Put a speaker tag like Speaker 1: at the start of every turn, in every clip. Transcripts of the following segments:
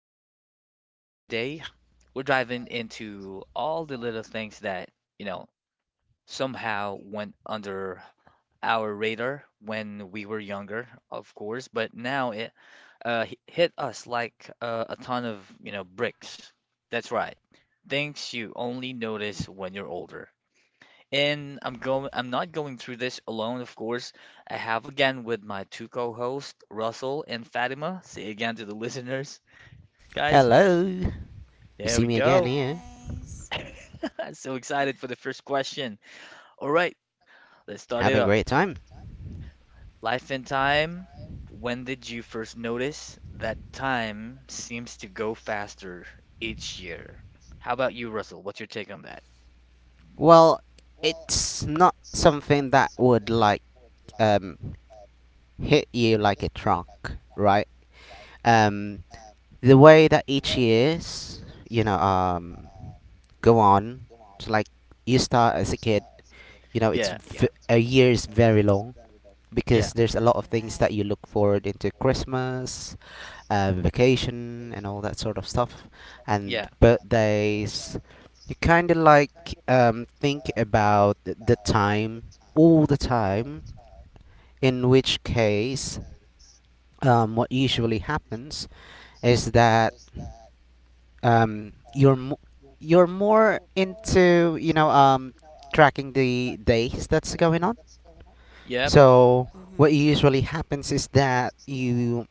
Speaker 1: host, and today we're diving into all the little things that, you know, somehow went under our radar when we were younger, of course, but now it hit us like a ton of, bricks. That's right. Things you only notice when you're older. And I'm not going through this alone, of course. I have again with my two co-hosts, Russell and Fatima. Say again to the listeners guys.
Speaker 2: Hello. You
Speaker 1: There
Speaker 2: see
Speaker 1: we
Speaker 2: me
Speaker 3: Hi
Speaker 2: again
Speaker 1: go.
Speaker 2: here.
Speaker 3: guys.
Speaker 1: I'm so excited for the first question. All right, let's start it
Speaker 2: Having a
Speaker 1: up.
Speaker 2: great time.
Speaker 1: Life and time. When did you first notice that time seems to go faster each year? How about you, Russell? What's your take on that?
Speaker 2: Well, it's not something that would like um hit you like a truck, right? Um the way that each years, you know, go on, it's like you start as a kid, you know, it's
Speaker 1: Yeah, yeah,
Speaker 2: a year is very long, because
Speaker 1: yeah,
Speaker 2: there's a lot of things that
Speaker 3: Right.
Speaker 2: you look forward into Christmas, vacation and all that sort of stuff, and
Speaker 1: yeah,
Speaker 2: birthdays. You kind of like think about the time all the time. In which case, what usually happens is that um, you're mo- you're more into, you know, tracking the days that's going on.
Speaker 1: yep,
Speaker 2: So what usually happens is that you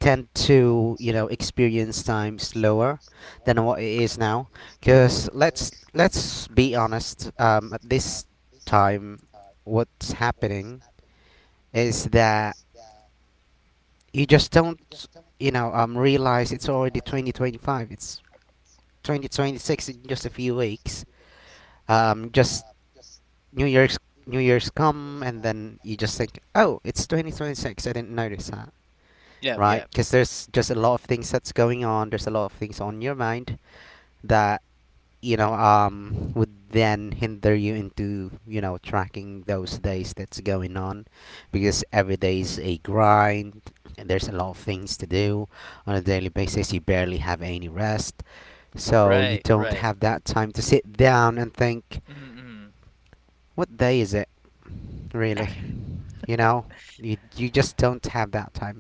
Speaker 2: tend to, you know, experience time slower than what it is now, because let's be honest, at this time, what's happening is that you just don't, you know, realize it's already 2025, it's 2026 in just a few weeks. Just new year's new year's come and then you just think, oh, it's 2026, I didn't notice that.
Speaker 1: yep,
Speaker 2: Right,
Speaker 1: yep.
Speaker 2: because there's just a lot of things that's going on. There's a lot of things on your mind that, you know, would then hinder you into, you know, tracking those days that's going on. Because every day is a grind and there's a lot of things to do on a daily basis. You barely have any rest, so you
Speaker 1: Right,
Speaker 2: don't
Speaker 1: right.
Speaker 2: have that time to sit down and think
Speaker 1: Mm-hmm. Mm-hmm.
Speaker 2: what day is it, really. You know, you just don't have that time.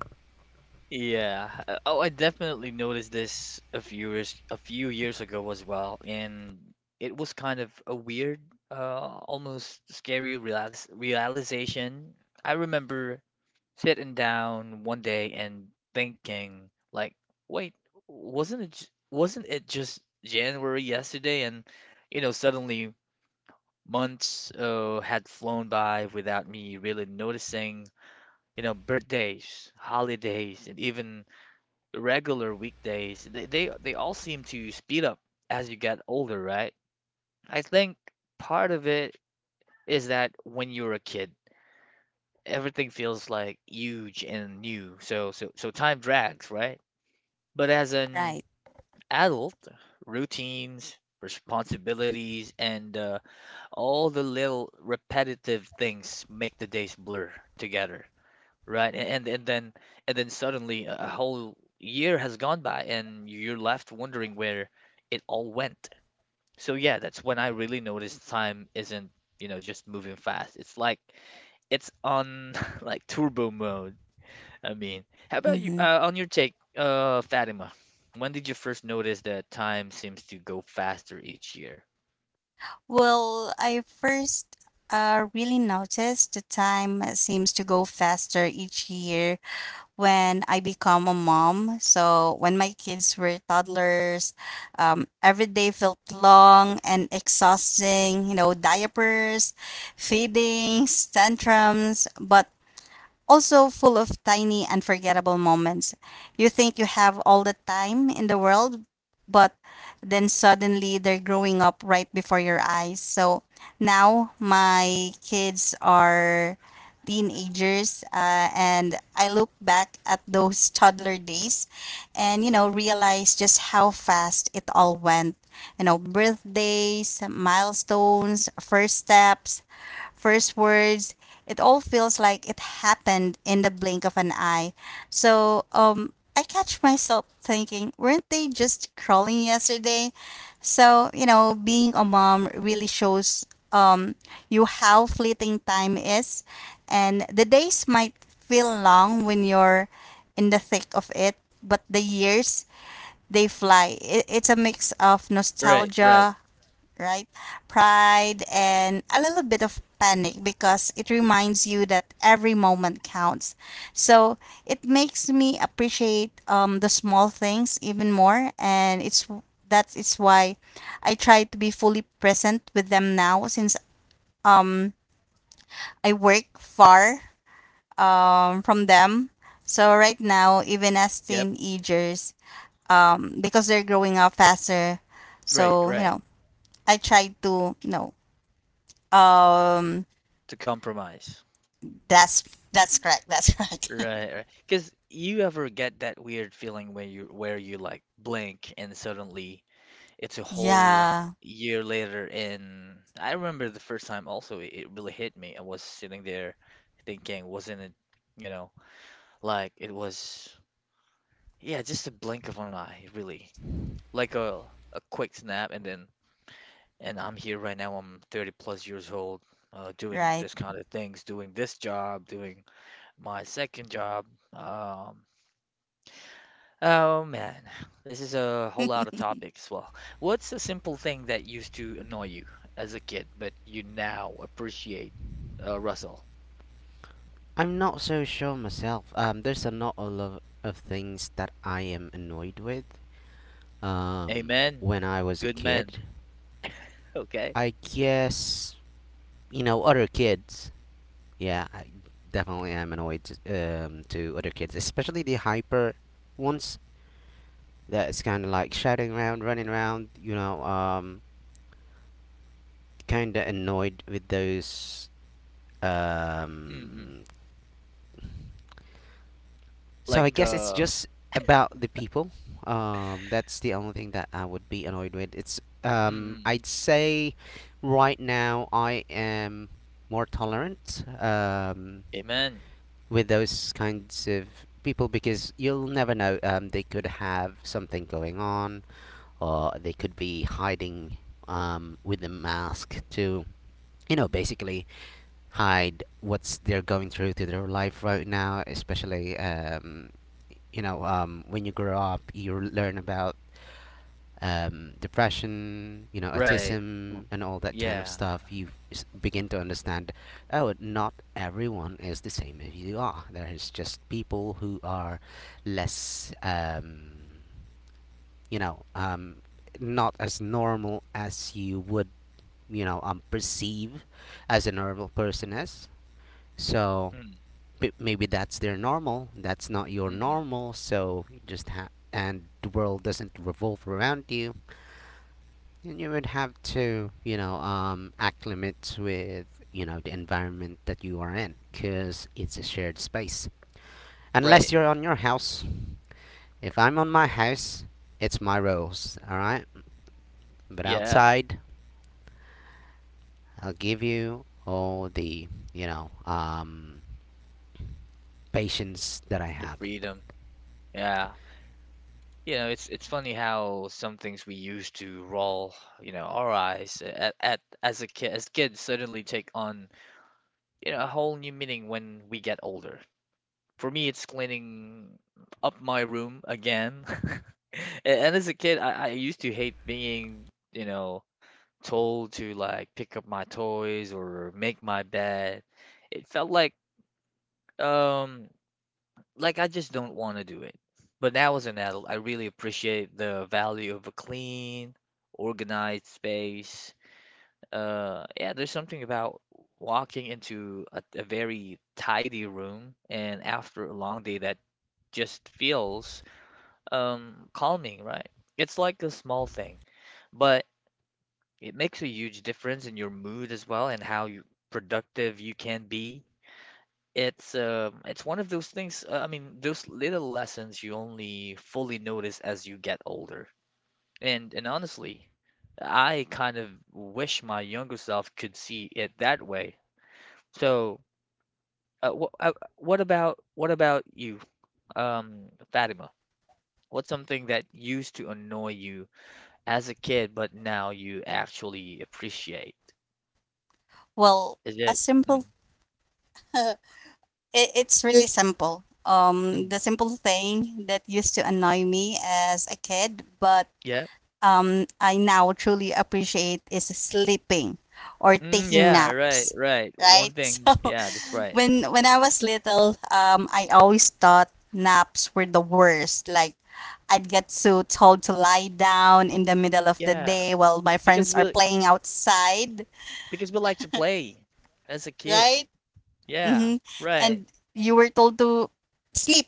Speaker 1: Yeah. Oh, I definitely noticed this a few years ago as well, and it was kind of a weird, almost scary realis realization. I remember sitting down one day and thinking, like, wait, wasn't it j- wasn't it just January yesterday? And you know, suddenly months had flown by without me really noticing. You know, birthdays, holidays, and even regular weekdays, they all seem to speed up as you get older, right? I think part of it is that when you're a kid, everything feels like huge and new. So time drags, right? But as an
Speaker 3: Right.
Speaker 1: adult, routines, responsibilities, and all the little repetitive things make the days blur together. Right. And then suddenly a whole year has gone by and you're left wondering where it all went. So yeah, that's when I really noticed time isn't, you know, just moving fast. It's like it's on like turbo mode. I mean, how about you
Speaker 3: Mhm.
Speaker 1: on your take, Fatima? When did you first notice that time seems to go faster each year?
Speaker 3: Well, I first really noticed the time seems to go faster each year when I become a mom. So when my kids were toddlers, every day felt long and exhausting. You know, diapers, feedings, tantrums. But also full of tiny unforgettable moments. You think you have all the time in the world, but then suddenly they're growing up right before your eyes. So now my kids are teenagers and I look back at those toddler days and realize just how fast it all went. You know, birthdays, milestones, first steps, first words. It all feels like it happened in the blink of an eye. So I catch myself thinking, weren't they just crawling yesterday? So, being a mom really shows um, you how fleeting time is. And the days might feel long when you're in the thick of it, but the years, they fly. It's a mix of
Speaker 1: Right, right.
Speaker 3: nostalgia, right? Pride and a little bit of panic because it reminds you that every moment counts. So it makes me appreciate the small things even more, and it's that is why I try to be fully present with them now since I work far from them. So right now, even as
Speaker 1: Yep,
Speaker 3: teenagers, because they're growing up faster,
Speaker 1: right,
Speaker 3: so
Speaker 1: right.
Speaker 3: I try to um
Speaker 1: To compromise.
Speaker 3: That's that's correct. That's correct.
Speaker 1: Right, right. Because you ever get that weird feeling when you where you like blink and suddenly it's a whole
Speaker 3: Yeah,
Speaker 1: year later. And I remember the first time also it really hit me. I was sitting there thinking, wasn't it, you know, like it was, yeah, just a blink of an eye, really, like a quick snap, and then and I'm here right now. I'm 30 plus years old, doing
Speaker 3: right.
Speaker 1: this kind of things, doing this job, doing my second job. Um, Oh man, this is a whole lot of topics. Well, what's a simple thing that used to annoy you as a kid, but you now appreciate, Russell?
Speaker 2: I'm not so sure myself. There's a not a lot of things that I am annoyed with, um,
Speaker 1: Amen.
Speaker 2: when I was a
Speaker 1: Good man.
Speaker 2: kid.
Speaker 1: Okay.
Speaker 2: I guess, you know, other kids. Yeah, I definitely am annoyed to other kids, especially the hyper ones. That is kind of like shouting around, running around. You know, kind of annoyed with those,
Speaker 1: Mm-mm.
Speaker 2: um, so I
Speaker 1: Like,
Speaker 2: guess it's just about the people. That's the only thing that I would be annoyed with. It's
Speaker 1: mm-mm.
Speaker 2: I'd say right now I am more tolerant,
Speaker 1: Amen.
Speaker 2: with those kinds of people, because you'll never know. They could have something going on, or they could be hiding, with a mask to, you know, basically hide what's they're going through to their life right now, especially, you know, when you grow up you learn about, depression, you know,
Speaker 1: Right.
Speaker 2: autism and all that kind of
Speaker 1: Yeah.
Speaker 2: stuff. Begin to understand, oh, not everyone is the same as you are. There's just people who are less, you know, not as normal as you would, you know, perceive as a normal person is. So
Speaker 1: Mm,
Speaker 2: maybe that's their normal. That's not your
Speaker 1: mm-mm.
Speaker 2: normal. So you just and the world doesn't revolve around you. And you would have to, you know, acclimate with, you know, the environment that you are in, because it's a shared space. Unless
Speaker 1: Right.
Speaker 2: you're on your house. If I'm on my house, it's my rules, all right? But
Speaker 1: Yeah.
Speaker 2: outside, I'll give you all the, you know, patience that I
Speaker 1: The
Speaker 2: have.
Speaker 1: freedom. Yeah. You know, it's funny how some things we used to roll, you know, our eyes at as a kid as kids suddenly take on you know, a whole new meaning when we get older. For me, it's cleaning up my room again. And as a kid, I used to hate being, you know, told to like pick up my toys or make my bed. It felt um like I just don't want to do it. But now as an adult, I really appreciate the value of a clean, organized space. Yeah, there's something about walking into a very tidy room and after a long day that just feels calming, right? It's like a small thing, but it makes a huge difference in your mood as well and how you, productive you can be. It's one of those things, I mean, those little lessons you only fully notice as you get older. And honestly, I kind of wish my younger self could see it that way. So wh what about you, Fatima? What's something that used to annoy you as a kid, but now you actually appreciate?
Speaker 3: Well,
Speaker 1: Is
Speaker 3: a
Speaker 1: it? Mm,
Speaker 3: simple it's really simple. Um
Speaker 1: mm,
Speaker 3: the simple thing that used to annoy me as a kid, but
Speaker 1: yeah.
Speaker 3: I now truly appreciate is sleeping or
Speaker 1: Mm,
Speaker 3: taking
Speaker 1: yeah. Right.
Speaker 3: naps.
Speaker 1: Right. One
Speaker 3: Right?
Speaker 1: thing.
Speaker 3: So
Speaker 1: Yeah. That's right.
Speaker 3: when I was little, I always thought naps were the worst. Like I'd get so told to lie down in the middle of the
Speaker 1: Yeah.
Speaker 3: day while my
Speaker 1: Because
Speaker 3: friends are
Speaker 1: we
Speaker 3: playing outside,
Speaker 1: like to play as a kid.
Speaker 3: right?
Speaker 1: Yeah.
Speaker 3: Mm-hmm.
Speaker 1: Right.
Speaker 3: And you were told to sleep.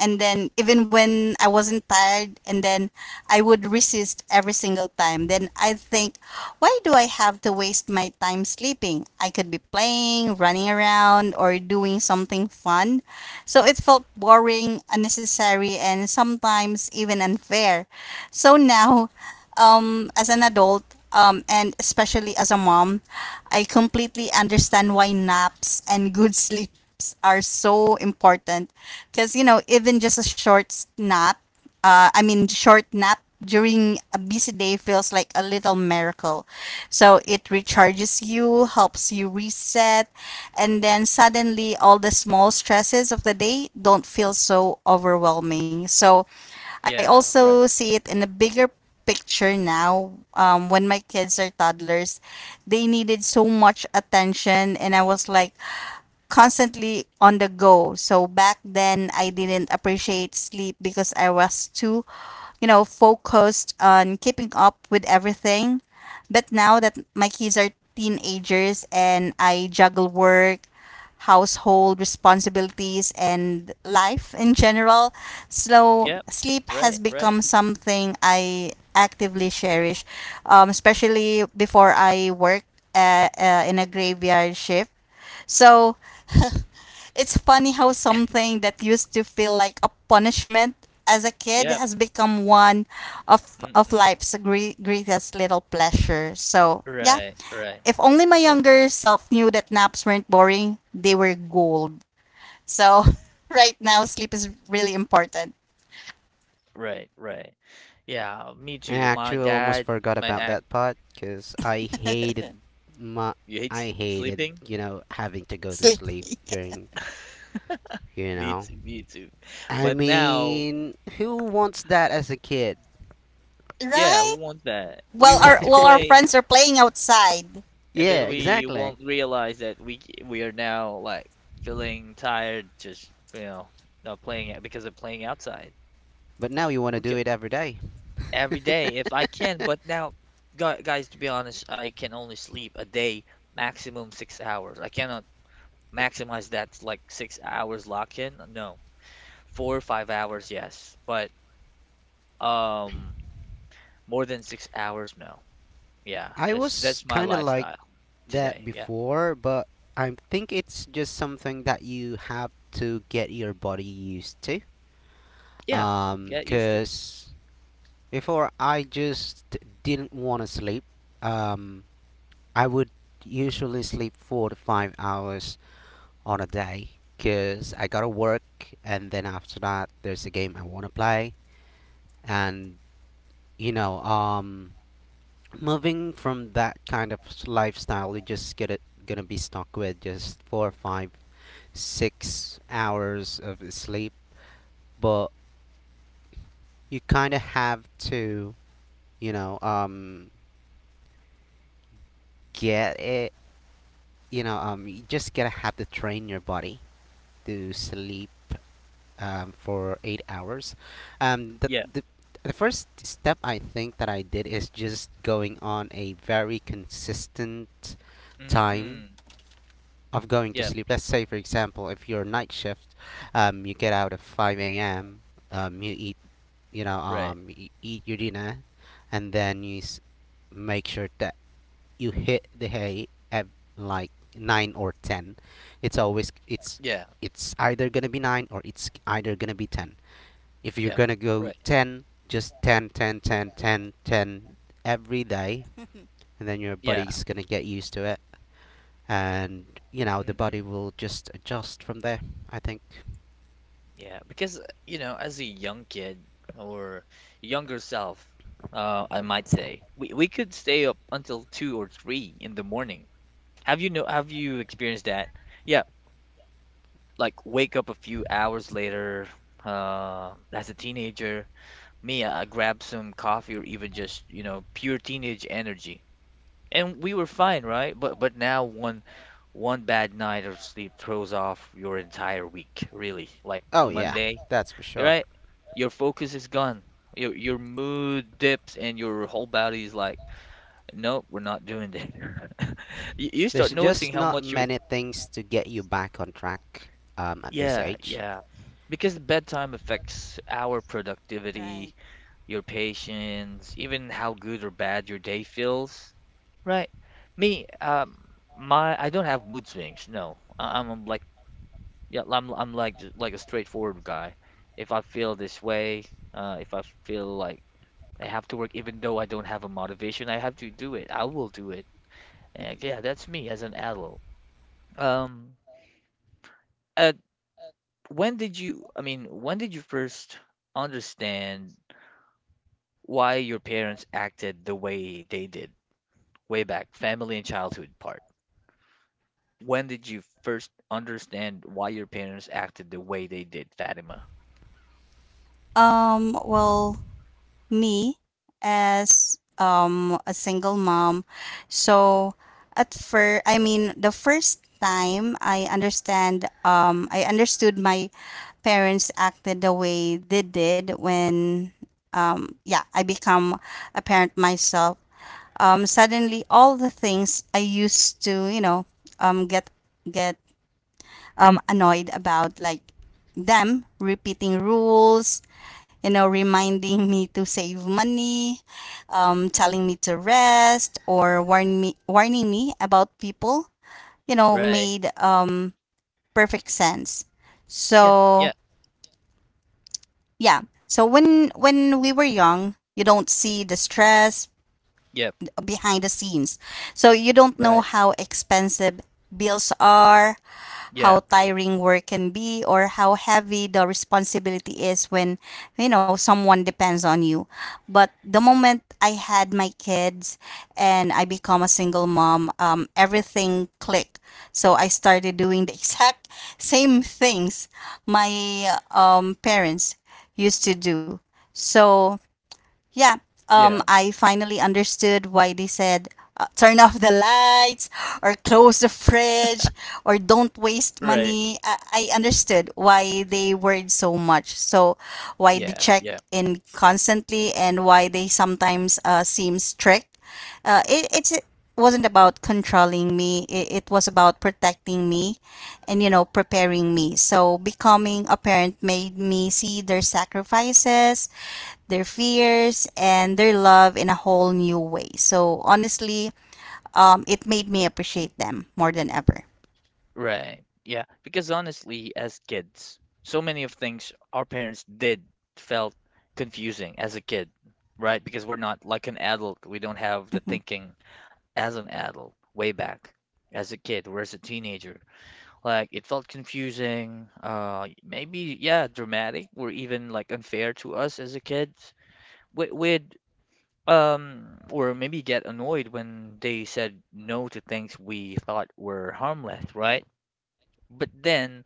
Speaker 3: And then even when I wasn't tired, and then I would resist every single time. Then I think, why do I have to waste my time sleeping? I could be playing, running around, or doing something fun. So it felt boring, unnecessary, and sometimes even unfair. So now, as an adult, and especially as a mom, I completely understand why naps and good sleeps are so important. Because, you know, even just a short nap I mean, short nap during a busy day feels like a little miracle. So it recharges you, helps you reset, and then suddenly all the small stresses of the day don't feel so overwhelming. So I
Speaker 1: Yeah.
Speaker 3: also
Speaker 1: Right.
Speaker 3: see it in the bigger picture now. When my kids are toddlers, they needed so much attention, and I was like, constantly on the go. So back then I didn't appreciate sleep because I was too, focused on keeping up with everything. But now that my kids are teenagers and I juggle work, household responsibilities, and life in general, so
Speaker 1: Yep.
Speaker 3: sleep has
Speaker 1: Right. Right.
Speaker 3: become something I actively cherish, especially before I work in a graveyard shift. So it's funny how something that used to feel like a punishment as a kid
Speaker 1: Yep.
Speaker 3: has become one of
Speaker 1: Mm-mm.
Speaker 3: life's greatest little pleasures. So, yeah,
Speaker 1: Right. Right.
Speaker 3: if only my
Speaker 1: I.
Speaker 3: younger self knew that naps weren't boring, they were gold. So, right now sleep is really important.
Speaker 1: Right, right. Yeah, me
Speaker 2: I
Speaker 1: too. My
Speaker 2: actually almost
Speaker 1: dad,
Speaker 2: forgot
Speaker 1: my
Speaker 2: about
Speaker 1: aunt,
Speaker 2: that part because I hated my
Speaker 1: you hate
Speaker 2: I hated,
Speaker 1: sleeping?
Speaker 2: you know, having to go to
Speaker 3: Sleep,
Speaker 2: sleep during, you
Speaker 1: Me
Speaker 2: know,
Speaker 1: too, me too.
Speaker 2: I
Speaker 1: But now,
Speaker 2: mean, who wants that as a kid?
Speaker 1: yeah, who
Speaker 3: right?
Speaker 1: wants that? We
Speaker 3: Well,
Speaker 1: want to
Speaker 3: our
Speaker 1: play,
Speaker 3: friends are playing outside.
Speaker 1: and
Speaker 2: Yeah,
Speaker 1: then we
Speaker 2: exactly.
Speaker 1: won't realize that we are now like feeling tired, just you know, not playing it because of playing outside.
Speaker 2: But now you want to do
Speaker 1: Okay,
Speaker 2: it every day.
Speaker 1: every day if I can. But now, guys, to be honest, I can only sleep a day, maximum 6 hours. I cannot maximize that like 6 hours lock in. No. 4 or 5 hours, yes, but um, more than 6 hours, no. Yeah,
Speaker 2: I
Speaker 1: that's
Speaker 2: was
Speaker 1: that's my
Speaker 2: kind of like
Speaker 1: lifestyle
Speaker 2: that
Speaker 1: today. Yeah,
Speaker 2: before, but I think it's just something that you have to get your body used to.
Speaker 1: yeah, get used to.
Speaker 2: Cause Before, I just didn't want to sleep. Um, I would usually sleep 4 to 5 hours on a day because I gotta work, and then after that, there's a game I want to play, and, you know, moving from that kind of lifestyle, you just get it gonna be stuck with just four, five, 6 hours of sleep, but you kind of have to, you know, get it you know, you just gotta have to train your body to sleep, for 8 hours. Um, the,
Speaker 1: Yeah,
Speaker 2: the the first step I think that I did is just going on a very consistent time
Speaker 1: mm-mm.
Speaker 2: of going to
Speaker 1: Yeah,
Speaker 2: sleep. Let's say, for example, if you're night shift, you get out at five a.m. Um, you eat, you know,
Speaker 1: right.
Speaker 2: um, you eat your dinner, and then make sure that you hit the hay at like nine or ten. It's always it's
Speaker 1: Yeah,
Speaker 2: it's either gonna be nine or it's either gonna be ten. If you're
Speaker 1: yeah,
Speaker 2: gonna go
Speaker 1: right.
Speaker 2: ten, just ten, ten, ten, ten ten every day, and then your
Speaker 1: Yeah,
Speaker 2: body's gonna get used to it, and you know the body
Speaker 1: mm-mm.
Speaker 2: will just adjust from there, I think.
Speaker 1: Yeah, because you know, as a young kid or younger self, I might say, we could stay up until two or three in the morning. Have you know? Have you experienced that? Yeah, like wake up a few hours later as a teenager me I grabbed some coffee or even just you know pure teenage energy and we were fine right but now one bad night of sleep throws off your entire week really like
Speaker 2: Oh yeah,
Speaker 1: monday
Speaker 2: that's for sure.
Speaker 1: right your focus is gone your mood dips and your whole body is like nope we're not doing that you
Speaker 2: There's
Speaker 1: start noticing
Speaker 2: just
Speaker 1: how
Speaker 2: not
Speaker 1: much you.
Speaker 2: many things to get you back on track, at this
Speaker 1: Yeah,
Speaker 2: age.
Speaker 1: yeah. Because bedtime affects our
Speaker 3: Right.
Speaker 1: productivity, your patience, even how good or bad your day feels. Right. Me, my I don't have mood swings. No, I'm like yeah, I'm like like a straightforward guy. If I feel this way, if I feel like I have to work, even though I don't have a motivation, I have to do it. I will do it. And, yeah, that's me as an adult. Um, uh, when did you, I mean, when did you first understand why your parents acted the way they did, way back, family and childhood part? When did you first understand why your parents acted the way they did, Fatima?
Speaker 3: Well, me as a single mom. So at first, I mean, the first time I understood my parents acted the way they did when yeah, I become a parent myself. Suddenly all the things I used to, um get get annoyed about, like them repeating rules, reminding me to save money, telling me to rest, or warning me about people, you know,
Speaker 1: Right.
Speaker 3: made perfect sense.
Speaker 1: Yeah, yeah,
Speaker 3: So yeah, so when we were young, you don't see the stress
Speaker 1: yeah,
Speaker 3: behind the scenes. So you don't know
Speaker 1: right.
Speaker 3: how expensive bills are,
Speaker 1: Yeah,
Speaker 3: how tiring work can be, or how heavy the responsibility is when, someone depends on you. But the moment I had my kids and I become a single mom, everything clicked. So I started doing the exact same things my parents used to do. So yeah,
Speaker 1: yeah,
Speaker 3: I finally understood why they said turn off the lights or close the fridge or don't waste
Speaker 1: right.
Speaker 3: money. I understood why they worried so much. So, why they
Speaker 1: Yeah,
Speaker 3: check
Speaker 1: yeah.
Speaker 3: in constantly and why they sometimes seem strict. It wasn't about controlling me, it was about protecting me and, preparing me. So, becoming a parent made me see their sacrifices, their fears, and their love in a whole new way. So honestly, it made me appreciate them more than ever.
Speaker 1: Right. Yeah. Because honestly, as kids, so many of things our parents did felt confusing as a kid, right? Because we're not like an adult. We don't have the
Speaker 3: Mhm.
Speaker 1: thinking as an adult way back as a kid or as a teenager. Like it felt confusing, maybe yeah, dramatic or even like unfair to us as a kid. We would or maybe get annoyed when they said no to things we thought were harmless, right? But then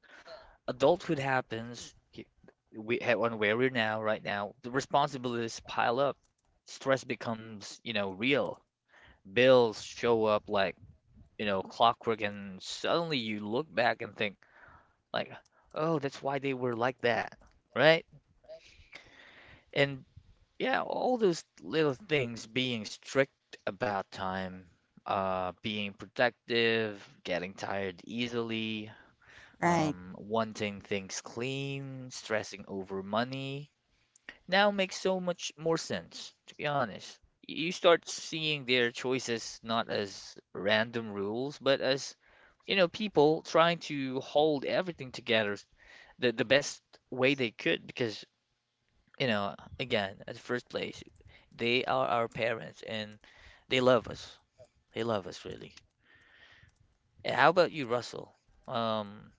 Speaker 1: adulthood happens. We have on where we're now, right now, the responsibilities pile up. Stress becomes, you know, real. Bills show up like, you know, clockwork, and suddenly you look back and think, like, oh, that's why they were like that, right? And yeah, all those little things, being strict about time, being protective, getting tired easily,
Speaker 3: Right,
Speaker 1: wanting things clean, stressing over money, now makes so much more sense, to be honest. You start seeing their choices not as random rules, but as, you know, people trying to hold everything together the best way they could because, you know, again, at first place, they are our parents and they love us. They love us really. Eh, how about you, Russell? Um,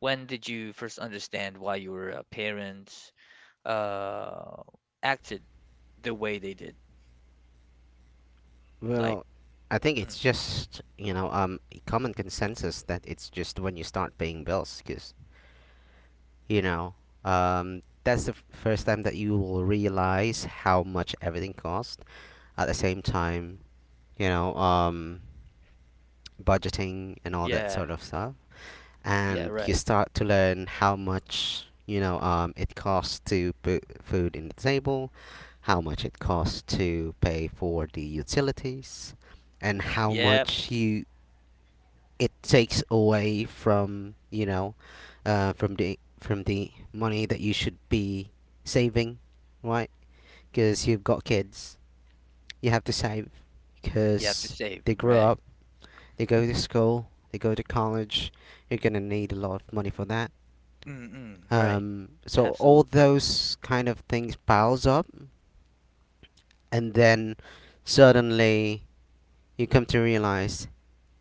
Speaker 1: when did you first understand why your parents uh acted the way they did? Like,
Speaker 2: Well, I think it's
Speaker 1: mm.
Speaker 2: just, you know, a common consensus that it's just when you start paying bills, because you know, that's the first time that you will realize how much everything costs. At the same time, you know, budgeting and all that
Speaker 1: Yeah,
Speaker 2: sort of stuff,
Speaker 1: yeah,
Speaker 2: and you
Speaker 1: right.
Speaker 2: start to learn how much, you know, it costs to put food in the table, how much it costs to pay for the utilities, and how
Speaker 1: Yep,
Speaker 2: much you it takes away from, you know, from the money that you should be saving, right? Because you've got kids, you have to save,
Speaker 1: you have to
Speaker 2: because
Speaker 1: save,
Speaker 2: they grow
Speaker 1: right.
Speaker 2: up, they go to school, they go to college, you're gonna need a lot of money for that.
Speaker 1: Mm-mm, right.
Speaker 2: So all
Speaker 1: Absolutely.
Speaker 2: those kind of things piles up, and then suddenly you come to realize,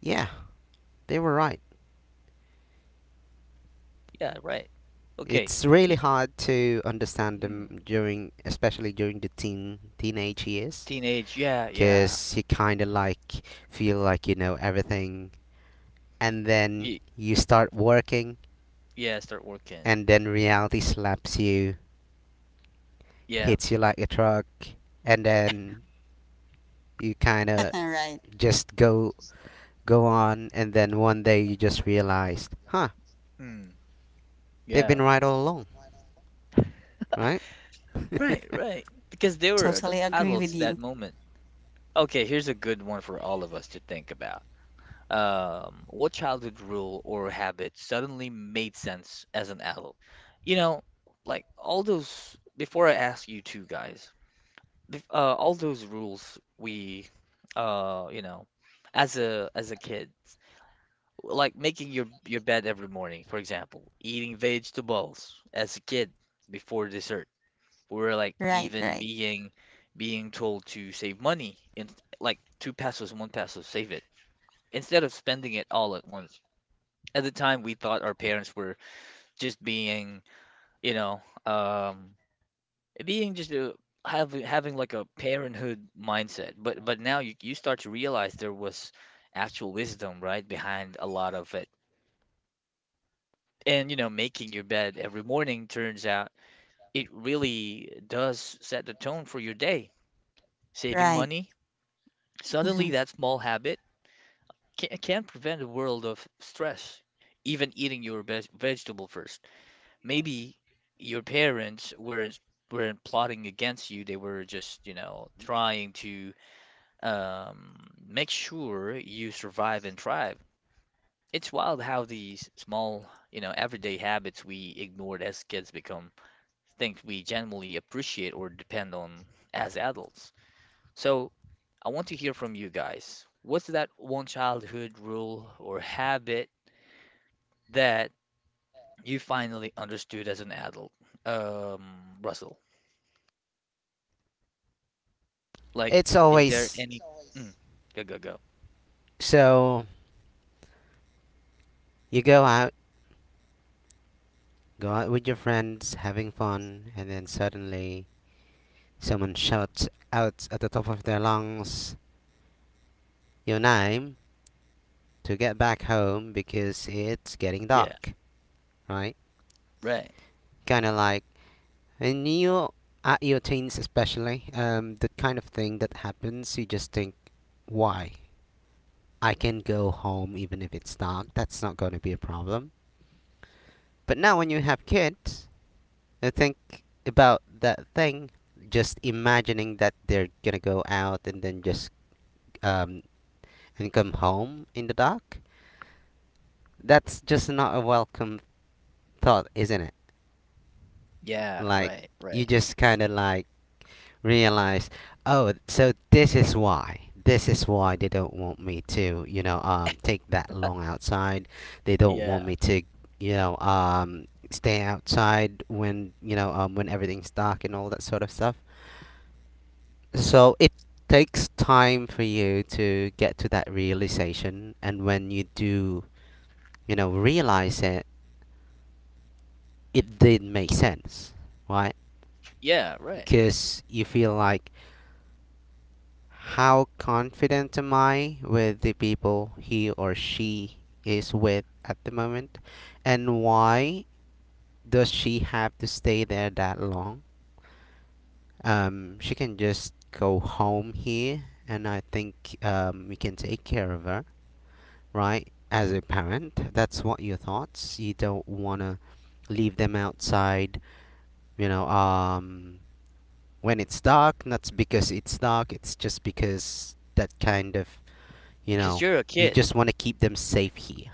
Speaker 2: yeah, they were right.
Speaker 1: Yeah, right. Okay.
Speaker 2: It's really
Speaker 1: Ye-
Speaker 2: hard to understand
Speaker 1: mm.
Speaker 2: them during, especially during the teenage years,
Speaker 1: Teenage, yeah, yeah.
Speaker 2: because you kind of like feel like you know everything, and then
Speaker 1: Ye
Speaker 2: you start working,
Speaker 1: yeah, start working.
Speaker 2: and then reality slaps you,
Speaker 1: Yeah,
Speaker 2: hits you like a truck, and then you kind
Speaker 1: yeah.
Speaker 2: of
Speaker 3: right.
Speaker 2: just go on, and then one day you just realized, huh,
Speaker 1: Mm,
Speaker 2: they've
Speaker 1: yeah.
Speaker 2: been right all along, right?
Speaker 1: Right, right. Because they were ad
Speaker 3: Totally agree with
Speaker 1: adults at that
Speaker 3: you.
Speaker 1: moment. Okay, here's a good one for all of us to think about. What childhood rule or habit suddenly made sense as an adult? You know, like all those, before I ask you two guys, all those rules we you know as a kid like making your bed every morning for example eating vegetables as a kid before dessert or like
Speaker 3: Right,
Speaker 1: even
Speaker 3: right,
Speaker 1: being told to save money in like two pesos one peso save it instead of spending it all at once at the time we thought our parents were just being you know um being just having like a parenthood mindset. But now you start to realize there was actual wisdom right behind a lot of it. And you know, making your bed every morning turns out it really does set the tone for your day. Saving
Speaker 3: right.
Speaker 1: money, suddenly
Speaker 3: hmm
Speaker 1: that small habit can prevent a world of stress. Even eating your vegetable first. Maybe your parents weren't plotting against you. They were just, you know, trying to um, make sure you survive and thrive. It's wild how these small, you know, everyday habits we ignored as kids become things we genuinely appreciate or depend on as adults. So, I want to hear from you guys. What's that one childhood rule or habit that you finally understood as an adult? Um, Russell, like,
Speaker 2: It's
Speaker 1: is there
Speaker 2: always
Speaker 1: any? Mm, go, go, go.
Speaker 2: so you go out Go out with your friends, having fun, and then suddenly someone shouts out at the top of their lungs, your name, to get back home because it's getting
Speaker 1: Yeah,
Speaker 2: dark, right?
Speaker 1: right.
Speaker 2: Kind of like when you at your teens, especially, the kind of thing that happens, you just think, why? I can go home even if it's dark. That's not going to be a problem. But now when you have kids, I think about that thing, just imagining that they're gonna go out and then just um and come home in the dark. That's just not a welcome thought, isn't it?
Speaker 1: Yeah,
Speaker 2: Like
Speaker 1: right, right.
Speaker 2: you just kind of like realize, oh, so this is why. This is why they don't want me to, you know, take that long outside. They don't want
Speaker 1: Yeah,
Speaker 2: me to, you know, stay outside when, you know, when everything's dark and all that sort of stuff. So it takes time for you to get to that realization, and when you do, you know, realize it, it did make sense, right?
Speaker 1: yeah, right.
Speaker 2: Because you feel like, how confident am I with the people he or she is with at the moment, and why does she have to stay there that long? She can just go home here, and I think we can take care of her, right? As a parent, that's what your thoughts. You don't want to leave them outside, you know, when it's dark, not because it's dark, it's just because that kind of, you
Speaker 1: Because
Speaker 2: know,
Speaker 1: you're a
Speaker 2: you
Speaker 1: kid.
Speaker 2: just want to keep them safe here.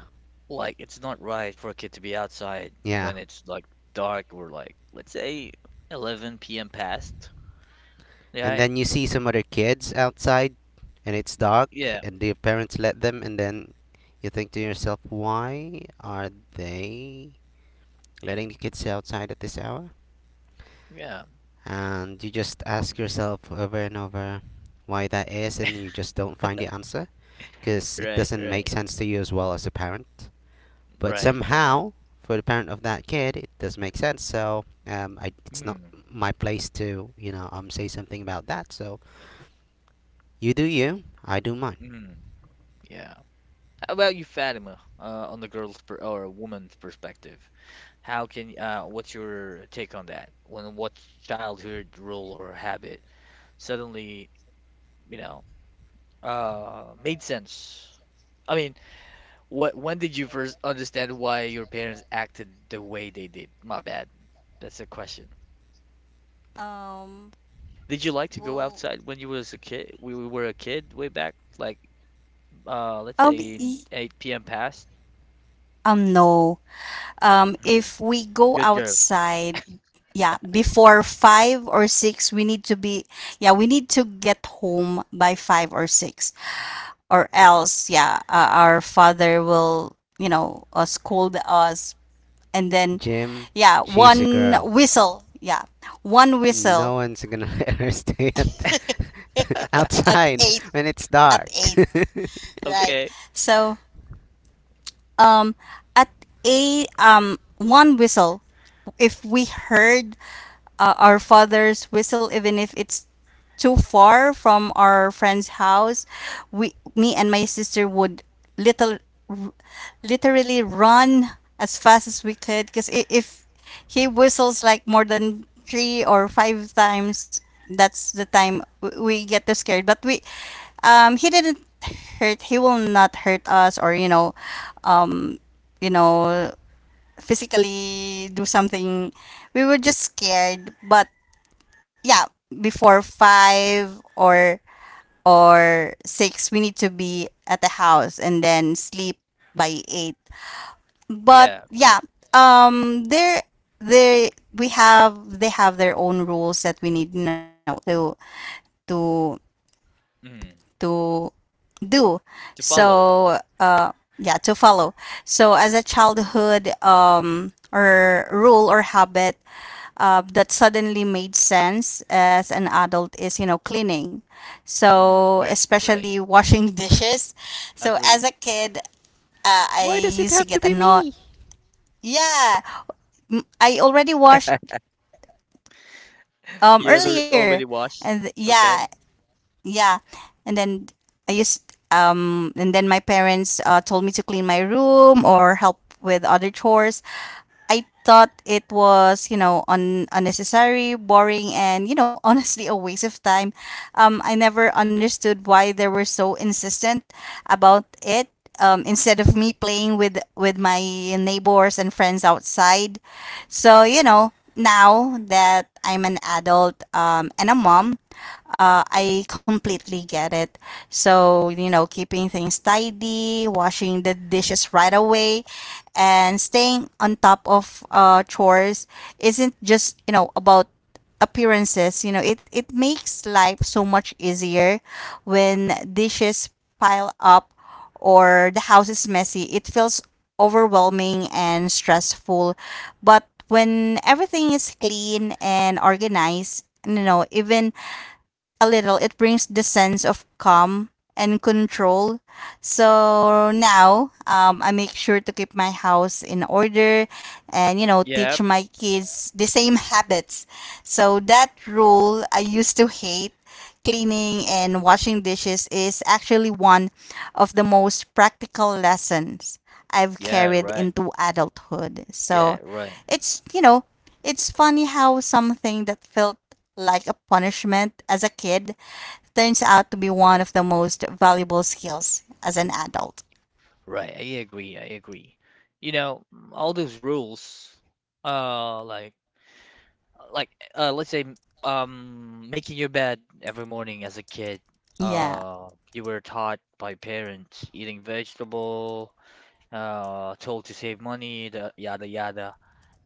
Speaker 1: Like, it's not right for a kid to be outside
Speaker 2: Yeah.
Speaker 1: when it's like dark or like, let's say 11 p.m. past.
Speaker 2: And
Speaker 1: Right?
Speaker 2: then you see some other kids outside and it's dark
Speaker 1: Yeah.
Speaker 2: and their parents let them, and then you think to yourself, why are they letting the kids outside at this hour?
Speaker 1: Yeah.
Speaker 2: And you just ask yourself over and over why that is, and you just don't find the answer, because it
Speaker 1: Right.
Speaker 2: doesn't
Speaker 1: Right.
Speaker 2: make sense to you as well as a parent. But
Speaker 1: Right. Right.
Speaker 2: somehow for the parent of that kid it does make sense. So, it's not
Speaker 1: Hmm.
Speaker 2: my place to, you know, say something about that. So you do you, I do mine.
Speaker 1: Hmm. Yeah. How about you, Fatima, on the girl's per or a woman's perspective? What's your take on that? When what childhood rule or habit suddenly, you know, made sense? I mean, What when did you first understand why your parents acted the way they did? My bad. That's the question.
Speaker 3: Um,
Speaker 1: Did you like to go
Speaker 3: well,
Speaker 1: outside when you was a kid? We were a kid way back, like let's
Speaker 3: um,
Speaker 1: say in
Speaker 3: y-
Speaker 1: 8 p.m. past.
Speaker 3: no.
Speaker 1: Mm,
Speaker 3: If we go
Speaker 1: good girl.
Speaker 3: outside, yeah, before 5 or 6, we need to get home by 5 or 6, or else our father will scold us. And then
Speaker 2: Jim,
Speaker 3: yeah,
Speaker 2: she's a
Speaker 3: one
Speaker 2: girl.
Speaker 3: whistle, yeah, one whistle.
Speaker 2: No one's gonna let her stay at,
Speaker 3: at
Speaker 2: outside
Speaker 3: eight
Speaker 2: when it's
Speaker 3: at
Speaker 2: dark.
Speaker 3: eight right.
Speaker 1: Okay.
Speaker 3: So um at 8, one whistle, if we heard our father's whistle, even if it's too far from our friend's house. Me and my sister would little, r- literally run as fast as we could because if he whistles like more than three or five times, that's the time we get too scared. He didn't hurt. He will not hurt us or um, you know, physically do something. We were just scared, but yeah, before five or six we need to be at the house and then sleep by 8. But
Speaker 1: Yeah,
Speaker 3: yeah,
Speaker 1: right.
Speaker 3: there they we have they have their own rules that we need to know to
Speaker 1: Mm,
Speaker 3: to do.
Speaker 1: to follow.
Speaker 3: So, yeah, to follow. So, as a childhood or rule or habit that suddenly made sense as an adult is, cleaning.
Speaker 1: Mm,
Speaker 3: So,
Speaker 1: right, right.
Speaker 3: especially washing dishes.
Speaker 1: I
Speaker 3: So, as
Speaker 1: agree.
Speaker 3: a kid,
Speaker 2: Why
Speaker 3: I
Speaker 2: does it
Speaker 3: used to
Speaker 2: have to
Speaker 3: get
Speaker 2: be
Speaker 3: annoyed.
Speaker 2: me?
Speaker 3: Yeah, I already washed
Speaker 1: You already
Speaker 3: earlier,
Speaker 1: already washed.
Speaker 3: and yeah.
Speaker 1: Okay.
Speaker 3: Yeah. And then I used and then my parents told me to clean my room or help with other chores. I thought it was, you know, unnecessary, boring, and, you know, honestly a waste of time. I never understood why they were so insistent about it. Instead of me playing with my neighbors and friends outside. So, now that I'm an adult, and a mom, I completely get it. So, keeping things tidy, washing the dishes right away, and staying on top of chores isn't just, about appearances. It makes life so much easier when dishes pile up or the house is messy. It feels overwhelming and stressful. But when everything is clean and organized, even a little, it brings the sense of calm and control. So now, I make sure to keep my house in order and,
Speaker 1: Yeah.
Speaker 3: teach my kids the same habits. So that rule I used to hate, cleaning and washing dishes, is actually one of the most practical lessons I've
Speaker 1: Yeah,
Speaker 3: carried
Speaker 1: right.
Speaker 3: into adulthood. So
Speaker 1: Yeah, right.
Speaker 3: it's, you know, it's funny how something that felt like a punishment as a kid turns out to be one of the most valuable skills as an adult.
Speaker 1: Right, I agree. I agree. You know, all those rules, uh, like, like, let's say, making your bed every morning as a kid,
Speaker 3: Yeah.
Speaker 1: you were taught by parents eating vegetable, told to save money, the yada yada.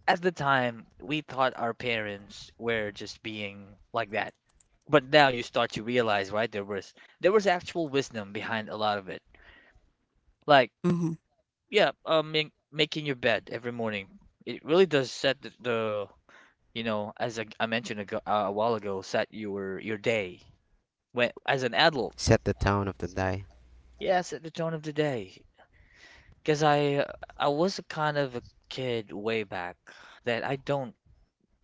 Speaker 1: At the time, we thought our parents were just being like that. But now you start to realize, right? There was actual wisdom behind a lot of it. Like
Speaker 3: Mm-hmm.
Speaker 1: yeah, making your bed every morning. It really does set the you know, as I mentioned ago, a while ago, set your day when as an adult.
Speaker 2: Set the tone of the day.
Speaker 1: Yeah, set the tone of the day. Because I was a kind of a kid way back that I don't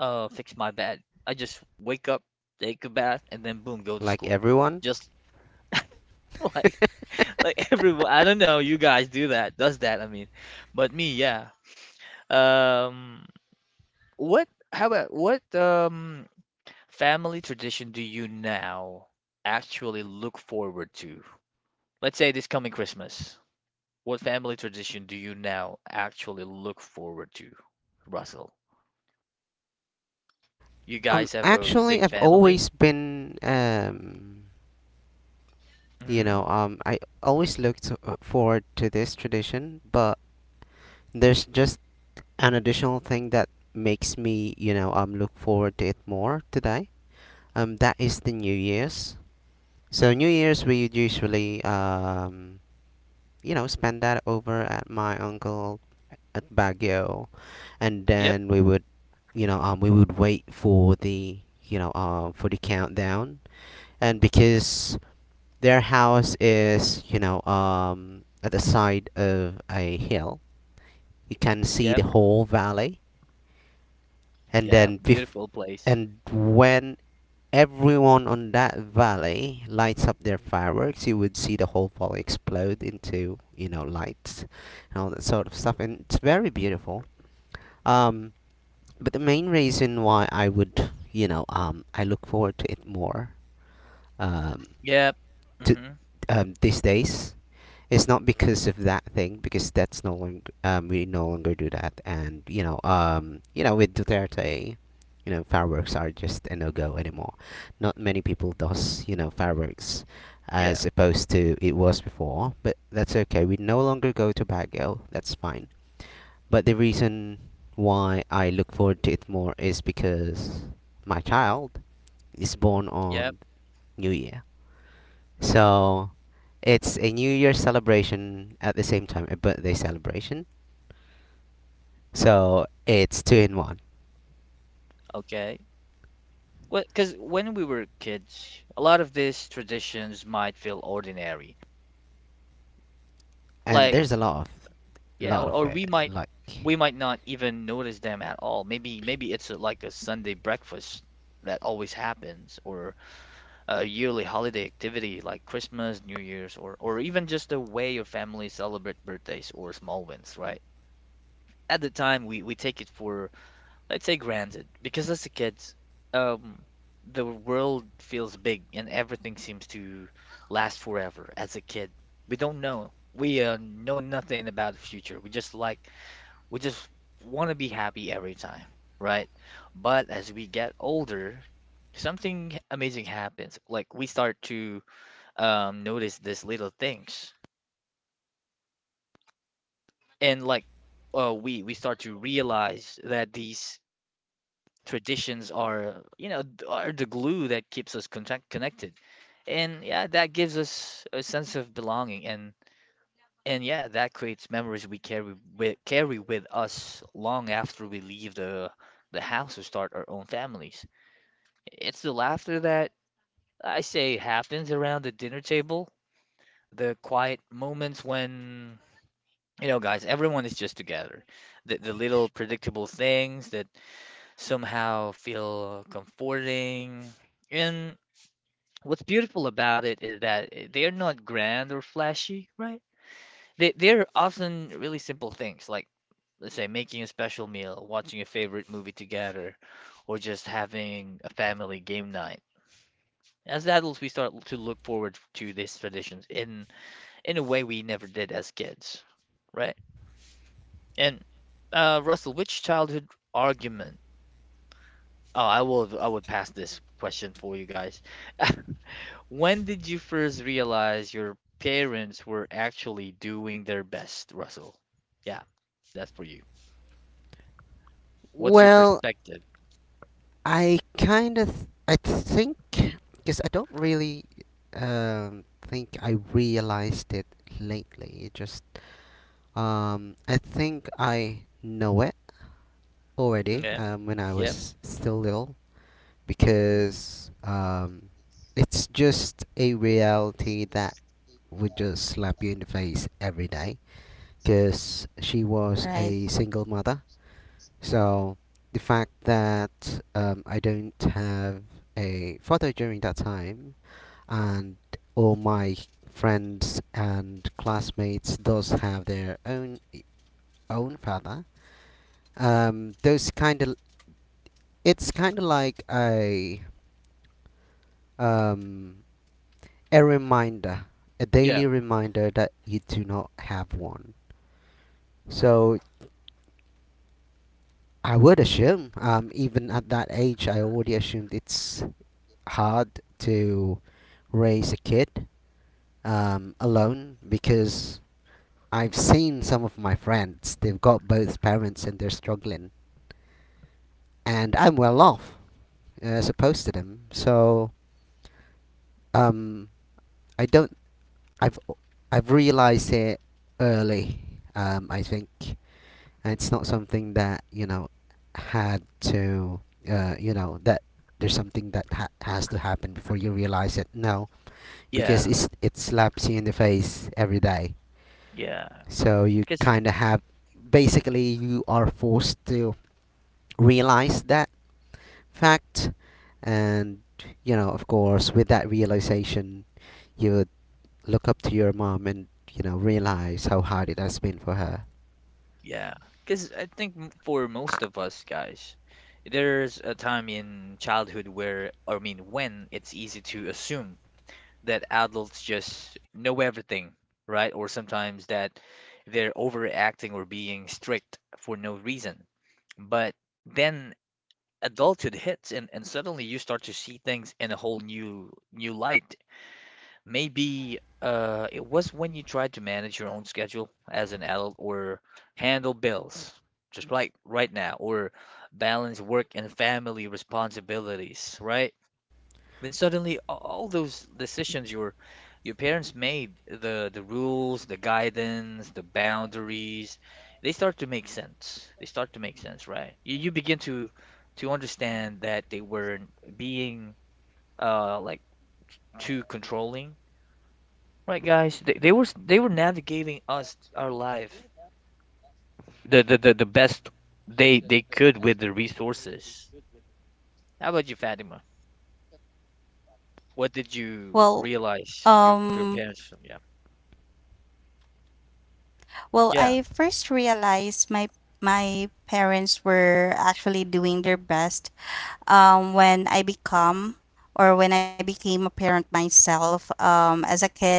Speaker 1: fix my bed. I just wake up, take a bath, and then boom, go to
Speaker 2: Like
Speaker 1: school.
Speaker 2: everyone.
Speaker 1: Just like like everyone. I don't know. You guys do that? I mean, but me, yeah. Um. How about what family tradition do you now actually look forward to? Let's say this coming Christmas. What family tradition do you now actually look forward to, Russell? You
Speaker 2: Um,
Speaker 1: guys have a
Speaker 2: actually,
Speaker 1: big
Speaker 2: I've always
Speaker 1: family?
Speaker 2: been, you
Speaker 1: Mm-hmm.
Speaker 2: know, I always looked, forward to this tradition, but there's just an additional thing that makes me, you know, look forward to it more today. That is the New Year's. So New Year's we usually, you know, spend that over at my uncle at Baguio, and
Speaker 1: Yep,
Speaker 2: then we would, we would wait for the, for the countdown, and because their house is, at the side of a hill, you can see
Speaker 1: yep,
Speaker 2: the whole valley, and
Speaker 1: yeah.
Speaker 2: then
Speaker 1: Beautiful place.
Speaker 2: and when everyone on that valley lights up their fireworks, you would see the whole valley explode into, you know, lights and all that sort of stuff, and it's very beautiful um But the main reason why I would, I look forward to it more um,
Speaker 1: Yep.
Speaker 2: to
Speaker 1: Mm-hmm.
Speaker 2: these days is not because of that thing, because that's no longer we no longer do that. And you know, with Duterte, you know, fireworks are just a no go anymore. Not many people does, you know, fireworks
Speaker 1: Yeah,
Speaker 2: as opposed to it was before, but that's okay. We no longer go to Baguio. That's fine. But the reason why I look forward to it more is because my child is born
Speaker 1: yep.
Speaker 2: on New Year. So it's a New Year celebration at the same time a birthday celebration. So it's two in one.
Speaker 1: Okay. Well, because when we were kids, a lot of these traditions might feel ordinary.
Speaker 2: And
Speaker 1: Like
Speaker 2: there's a lot of
Speaker 1: yeah,
Speaker 2: lot of
Speaker 1: or we
Speaker 2: it
Speaker 1: might
Speaker 2: like
Speaker 1: not even notice them at all. Maybe it's a, like a Sunday breakfast that always happens, or a yearly holiday activity like Christmas, New Year's, or even just the way your family celebrate birthdays or small wins, right? At the time, we take it for let's say granted because as a kid, um, the world feels big and everything seems to last forever. As a kid, we don't know. We know nothing about the future. We just want to be happy every time, right? But as we get older, something amazing happens. Like we start to notice these little things, and like we start to realize that these traditions are, you know, are the glue that keeps us connected. And yeah, that gives us a sense of belonging and yeah, that creates memories we carry with us long after we leave the house to start our own families. It's the laughter that I say happens around the dinner table, the quiet moments when, you know, guys, everyone is just together. The little predictable things that somehow feel comforting. And what's beautiful about it is that they're not grand or flashy, right? They're often really simple things, like, let's say, making a special meal, watching a favorite movie together, or just having a family game night. As adults, we start to look forward to these traditions in a way we never did as kids, right? And Russell, which childhood argument? Oh, I would pass this question for you guys. When did you first realize your parents were actually doing their best, Russell? Yeah, that's for you. What's your
Speaker 2: well,
Speaker 1: perspective?
Speaker 2: I kind of I think because I don't really think I realized it lately. It just I think I know it already
Speaker 1: Yeah.
Speaker 2: when I
Speaker 1: Yep.
Speaker 2: was still little
Speaker 3: Mm-hmm.
Speaker 2: because it's just a reality that would just slap you in the face every day because she was
Speaker 3: Right.
Speaker 2: a single mother. So the fact that I don't have a father during that time, and all my friends and classmates does have their own father, those kind of, it's kind of like um, a reminder, a
Speaker 1: Yeah.
Speaker 2: daily reminder that you do not have one. So I would assume even at that age I already assumed it's hard to raise a kid alone, because I've seen some of my friends, they've got both parents and they're struggling, and I'm well off, as opposed to them. So um, I don't I've I've realized it early. I think, and it's not something that, you know, had to you know, that there's something that has to happen before you realize it. No, because
Speaker 1: Yeah.
Speaker 2: it's, it slaps you in the face every day.
Speaker 1: Yeah.
Speaker 2: So you
Speaker 1: Because
Speaker 2: kind of have, basically you are forced to realize that fact, and you know, of course with that realization, you look up to your mom and, you know, realize how hard it has been for her.
Speaker 1: yeah, because I think for most of us guys, there's a time in childhood where, I mean, when it's easy to assume that adults just know everything, right? Or sometimes that they're overacting or being strict for no reason. But then adulthood hits and suddenly you start to see things in a whole new light. Maybe it was when you tried to manage your own schedule as an adult or handle bills, just like right now, or balance work and family responsibilities, right? Then suddenly all those decisions your parents made, the rules, the guidance, the boundaries, they start to make sense. They start to make sense, right? You begin to understand
Speaker 3: Right.
Speaker 1: that they weren't being uh like too controlling. Right, guys. They were navigating us our life the the best they could with the resources. How about you, Fatima? What did
Speaker 3: Well,
Speaker 1: you realize
Speaker 3: um,
Speaker 1: your parents? Yeah, yeah,
Speaker 3: I first realized my parents were actually doing their best when I become or when I became a parent myself. Um, as a kid,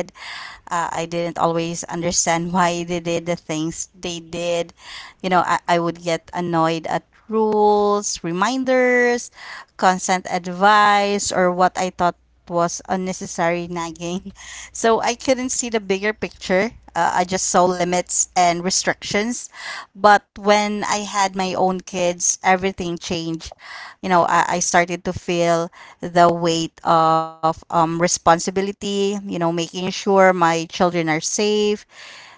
Speaker 3: I didn't always understand why they did the things they did. I would get annoyed at rules, reminders, consent advice, or what I thought was unnecessary nagging. So I couldn't see the bigger picture. I just saw limits and restrictions. But when I had my own kids, everything changed. I started to feel the weight of responsibility, making sure my children are safe,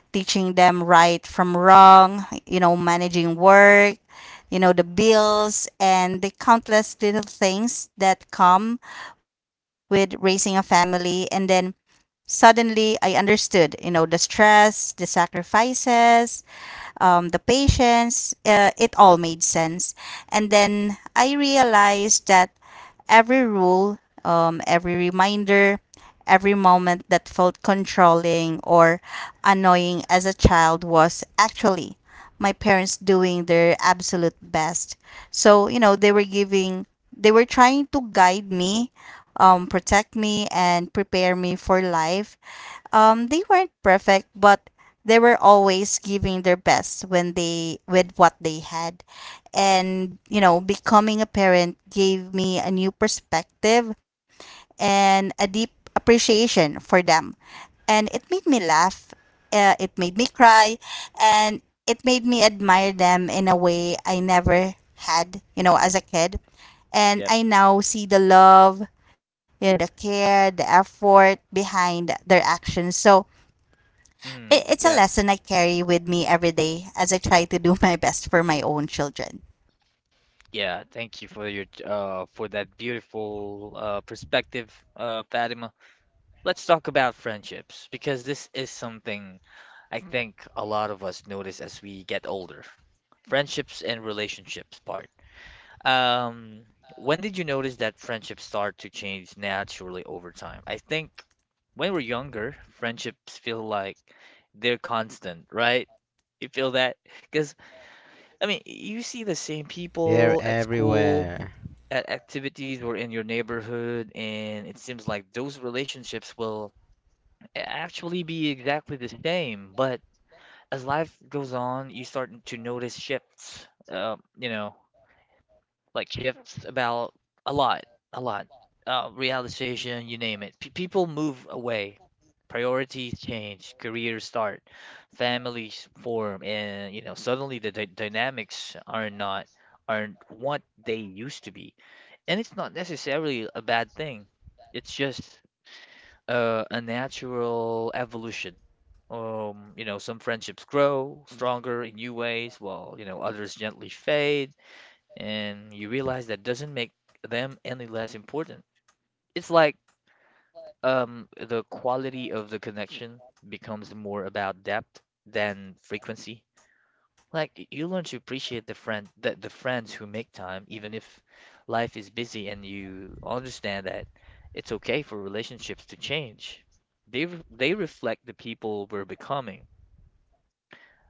Speaker 3: teaching them right from wrong, managing work, the bills and the countless little things that come with raising a family. And then suddenly I understood, the stress, the sacrifices, the patience, it all made sense. And then I realized that every rule, every reminder, every moment that felt controlling or annoying as a child was actually my parents doing their absolute best. So, you know, they were giving, they were trying to guide me, protect me, and prepare me for life they weren't perfect, but they were always giving their best when they with what they had. And you know becoming a parent gave me a new perspective and a deep appreciation for them, and it made me laugh, it made me cry, and it made me admire them in a way I never had, you know, as a kid. And
Speaker 1: yep.
Speaker 3: I now see the love, you know, the care, the effort behind their actions. So it,
Speaker 1: Mm,
Speaker 3: it's a
Speaker 1: yeah,
Speaker 3: lesson I carry with me every day as I try to do my best for my own children.
Speaker 1: yeah. Thank you for your for that beautiful perspective, Fatima. Let's talk about friendships because this is something I think a lot of us notice as we get older. Friendships and relationships part. Um, when did you notice that friendships start to change naturally over time? I think when we're younger, friendships feel like they're constant, right? You feel that? Because, I mean, you see the same
Speaker 2: They're
Speaker 1: people at school,
Speaker 2: everywhere.
Speaker 1: at activities, or in your neighborhood, and it seems like those relationships will actually be exactly the same. But as life goes on, you start to notice shifts. You know, like shifts about a lot, a lot. Realization, you name it. People move away, priorities change, careers start, families form, and you know suddenly the dynamics are not aren't what they used to be, and it's not necessarily a bad thing. It's just a natural evolution. You know, some friendships grow stronger in new ways, while you know others gently fade and you realize that doesn't make them any less important. It's like the quality of the connection becomes more about depth than frequency. Like you learn to appreciate the friends who make time, even if life is busy, and you understand that it's okay for relationships to change. They reflect the people we're becoming.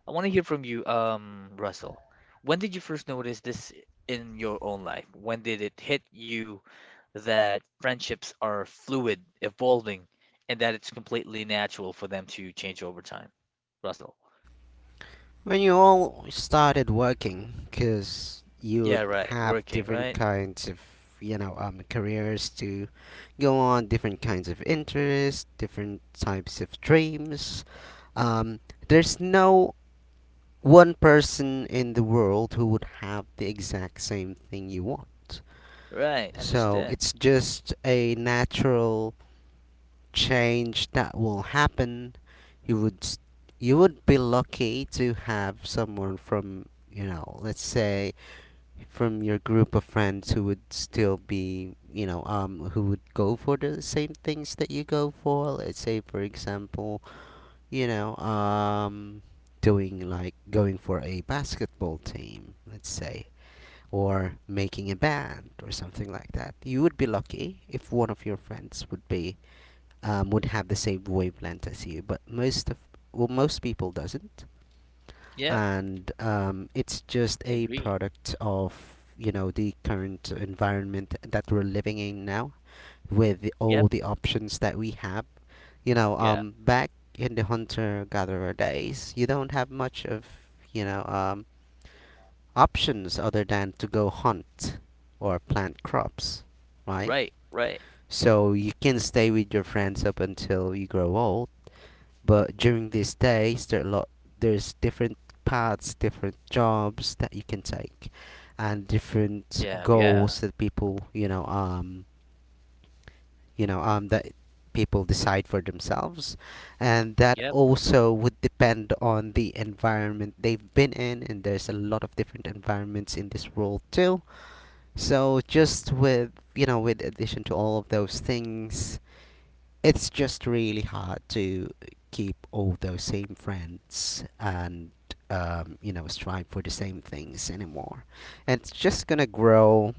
Speaker 1: I want to hear from you, Russell. When did you first notice this in your own life? When did it hit you that friendships are fluid, evolving, and that it's completely natural for them to change over time. Russell.
Speaker 2: When you all started working, 'cause
Speaker 1: Yeah,
Speaker 2: you'd
Speaker 1: right.
Speaker 2: have
Speaker 1: Working,
Speaker 2: different
Speaker 1: right?
Speaker 2: kinds of, you know, careers to go on, different kinds of interests, different types of dreams. Um, there's no one person in the world who would have the exact same thing you want.
Speaker 1: Right.
Speaker 2: So
Speaker 1: Understand.
Speaker 2: it's just a natural change that will happen. You would you would be lucky to have someone from, you know, let's say, from your group of friends who would still be, you know, who would go for the same things that you go for. Let's say, for example, you know, doing, like going for a basketball team, let's say, or making a band or something like that. You would be lucky if one of your friends would be, would have the same wavelength as you, but most of, well, most people doesn't,
Speaker 1: Yep.
Speaker 2: and it's just a
Speaker 1: Agree.
Speaker 2: product of, you know, the current environment that we're living in now, with the, all
Speaker 1: Yep.
Speaker 2: the options that we have. You know,
Speaker 1: Yeah.
Speaker 2: back in the hunter gatherer days, you don't have much of, you know, options other than to go hunt or plant crops, right?
Speaker 1: Right. Right.
Speaker 2: So you can stay with your friends up until you grow old, but during these days there are a lot, there's different paths, different jobs that you can take, and different
Speaker 1: Yeah.
Speaker 2: goals
Speaker 1: Yeah.
Speaker 2: that people, you know, you know, that people decide for themselves, and that
Speaker 1: Yep.
Speaker 2: also would depend on the environment they've been in, and there's a lot of different environments in this world too. So just with, you know, with addition to all of those things, it's just really hard to keep all those same friends and you know, strive for the same things anymore, and it's just gonna grow,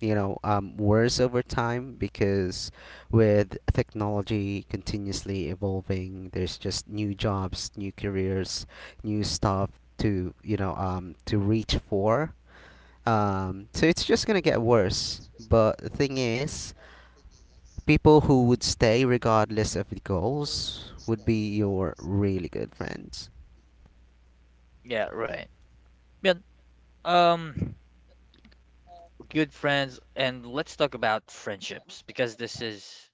Speaker 2: you know, worse over time, because with technology continuously evolving there's just new jobs, new careers, new stuff to, you know, to reach for, so it's just gonna get worse. But the thing is, people who would stay regardless of the goals would be your really good friends.
Speaker 1: Yeah. Right. Yeah. Um, good friends, and let's talk about friendships because this is,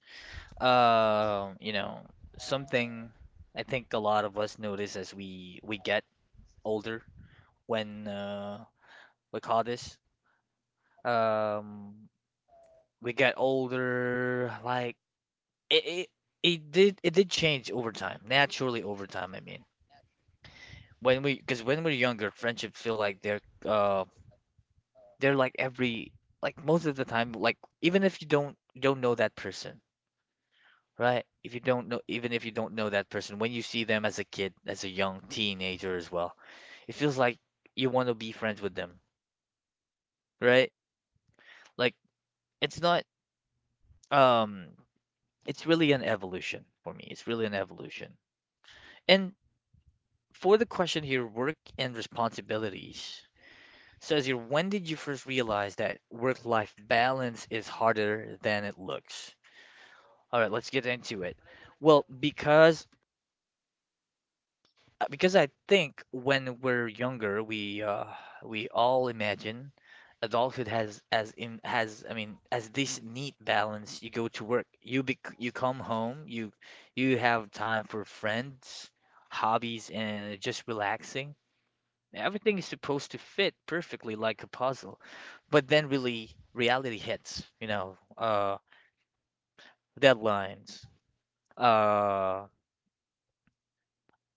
Speaker 1: you know, something I think a lot of us notice as we get older when we call this um we got older like it, it it did change over time naturally over time I mean when we because when we're younger friendships feel like uh they're like every like most of the time like even if you don't you don't know that person right if you don't know even if you don't know that person when you see them as a kid as a young teenager as well it feels like you want to be friends with them right like it's not um it's really an evolution for me. It's really an evolution. And for the question here, work and responsibilities says here, when did you first realize that work-life balance is harder than it looks? All right, let's get into it. Well, because I think when we're younger, we all imagine adulthood has as in has I mean as this neat balance. You go to work, you come home, you have time for friends, hobbies, and just relaxing. Everything is supposed to fit perfectly like a puzzle. But then really reality hits, you know, deadlines, uh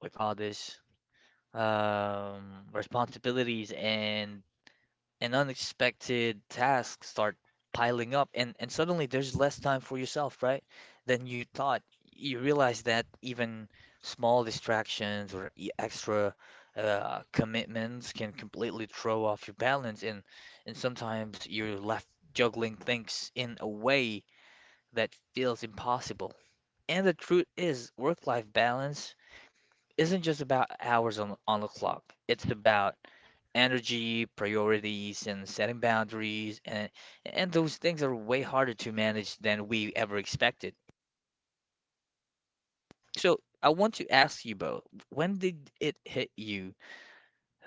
Speaker 1: we call this um responsibilities and unexpected tasks start piling up and suddenly there's less time for yourself, right? Than you thought. You realize that even small distractions or extra commitments can completely throw off your balance and sometimes you're left juggling things in a way that feels impossible. And the truth is, work-life balance isn't just about hours on the clock. It's about energy, priorities, and setting boundaries, and those things are way harder to manage than we ever expected. So I want to ask you both, when did it hit you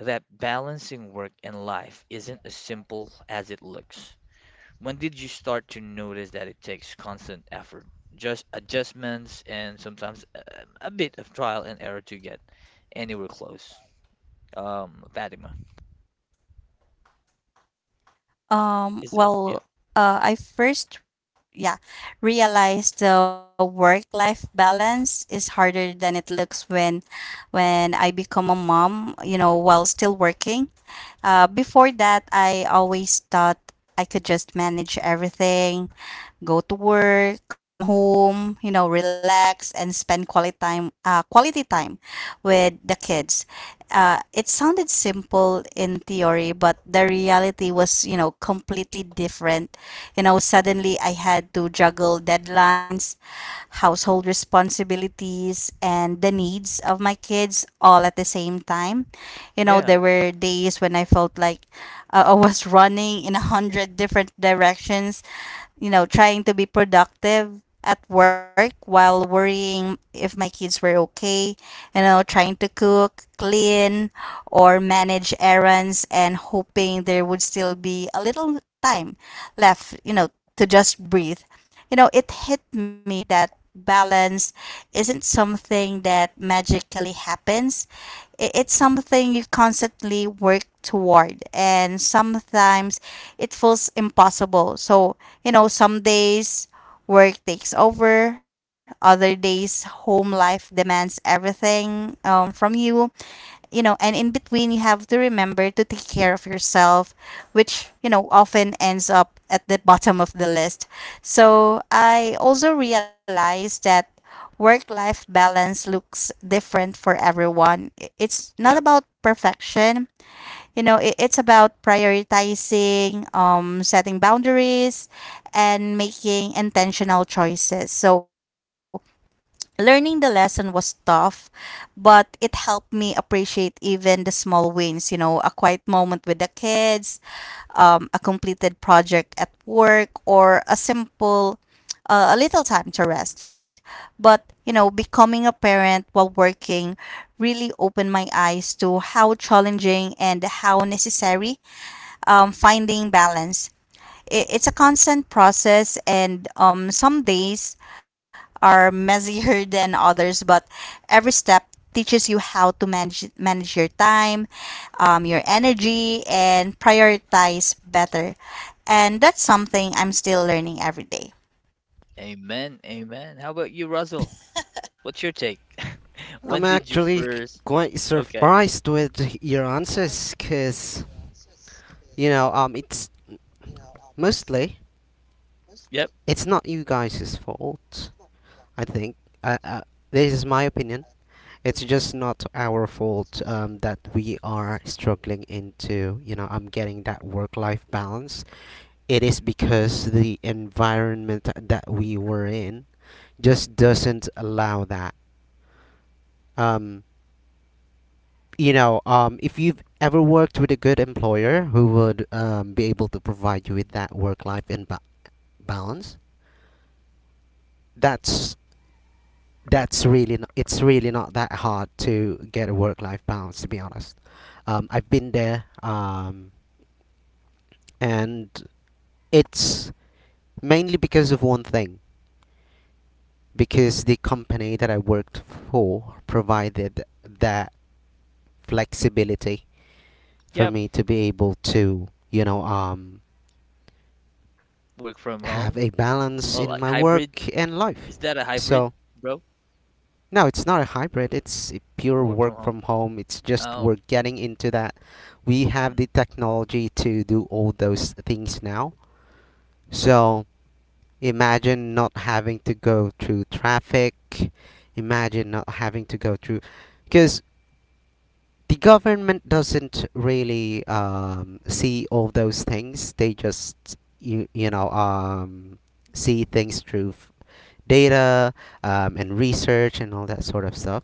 Speaker 1: that balancing work and life isn't as simple as it looks? When did you start to notice that it takes constant effort, just adjustments, and sometimes a bit of trial and error to get anywhere close? Fatima, is it?
Speaker 3: Well,
Speaker 1: Yep.
Speaker 3: I first, yeah, realized the work-life balance is harder than it looks when I become a mom, you know, while still working. Before that, I always thought I could just manage everything, go to work, come home, you know, relax and spend quality time, quality time with the kids. It sounded simple in theory, but the reality was, you know, completely different. You know, suddenly I had to juggle deadlines, household responsibilities, and the needs of my kids all at the same time. You know,
Speaker 1: Yeah.
Speaker 3: there were days when I felt like I was running in a hundred different directions, you know, trying to be productive at work while worrying if my kids were okay, you know, trying to cook, clean, or manage errands and hoping there would still be a little time left, you know, to just breathe. You know, it hit me that balance isn't something that magically happens. It's something you constantly work toward, and sometimes it feels impossible. So, you know, some days work takes over, other days home life demands everything from you, you know, and in between, you have to remember to take care of yourself, which, you know, often ends up at the bottom of the list. So I also realized that work life balance looks different for everyone. It's not
Speaker 1: Yeah.
Speaker 3: about perfection, you know, it's about prioritizing, setting boundaries, and making intentional choices. So learning the lesson was tough, but it helped me appreciate even the small wins, you know, a quiet moment with the kids, a completed project at work, or a simple, a little time to rest. But, you know, becoming a parent while working really opened my eyes to how challenging and how necessary finding balance. It's a constant process, and some days are messier than others, but every step teaches you how to manage your time, your energy, and prioritize better, and that's something I'm still learning every day.
Speaker 1: Amen, amen. How about you, Russell? What's your take?
Speaker 2: I'm
Speaker 1: When did you
Speaker 2: actually
Speaker 1: first?
Speaker 2: quite
Speaker 1: Okay.
Speaker 2: surprised with your answers because, you know, it's mostly,
Speaker 1: Yep,
Speaker 2: it's not you guys' fault, I think. Uh, uh, this is my opinion. It's just not our fault that we are struggling into, you know, getting that work life balance. It is because the environment that we were in just doesn't allow that. Um, you know, if you've ever worked with a good employer who would be able to provide you with that balance, that's that's really not, it's really not that hard to get a work-life balance. To be honest, I've been there, and it's mainly because of one thing, because the company that I worked for provided that flexibility for
Speaker 1: yep.
Speaker 2: me to be able to, you know,
Speaker 1: Work from
Speaker 2: have
Speaker 1: home.
Speaker 2: a balance
Speaker 1: Oh,
Speaker 2: in
Speaker 1: like
Speaker 2: my
Speaker 1: hybrid.
Speaker 2: work and life.
Speaker 1: Is that a
Speaker 2: So,
Speaker 1: hybrid, bro?
Speaker 2: no, it's not a hybrid. It's a pure
Speaker 1: Work
Speaker 2: work
Speaker 1: from home.
Speaker 2: from home. It's just
Speaker 1: Oh.
Speaker 2: we're getting into that. We have
Speaker 1: Mm,
Speaker 2: the technology to do all those things now. So, imagine not having to go through traffic. Imagine not having to go through, because the government doesn't really see all those things. They just you, you know, see things through data and research and all that sort of stuff.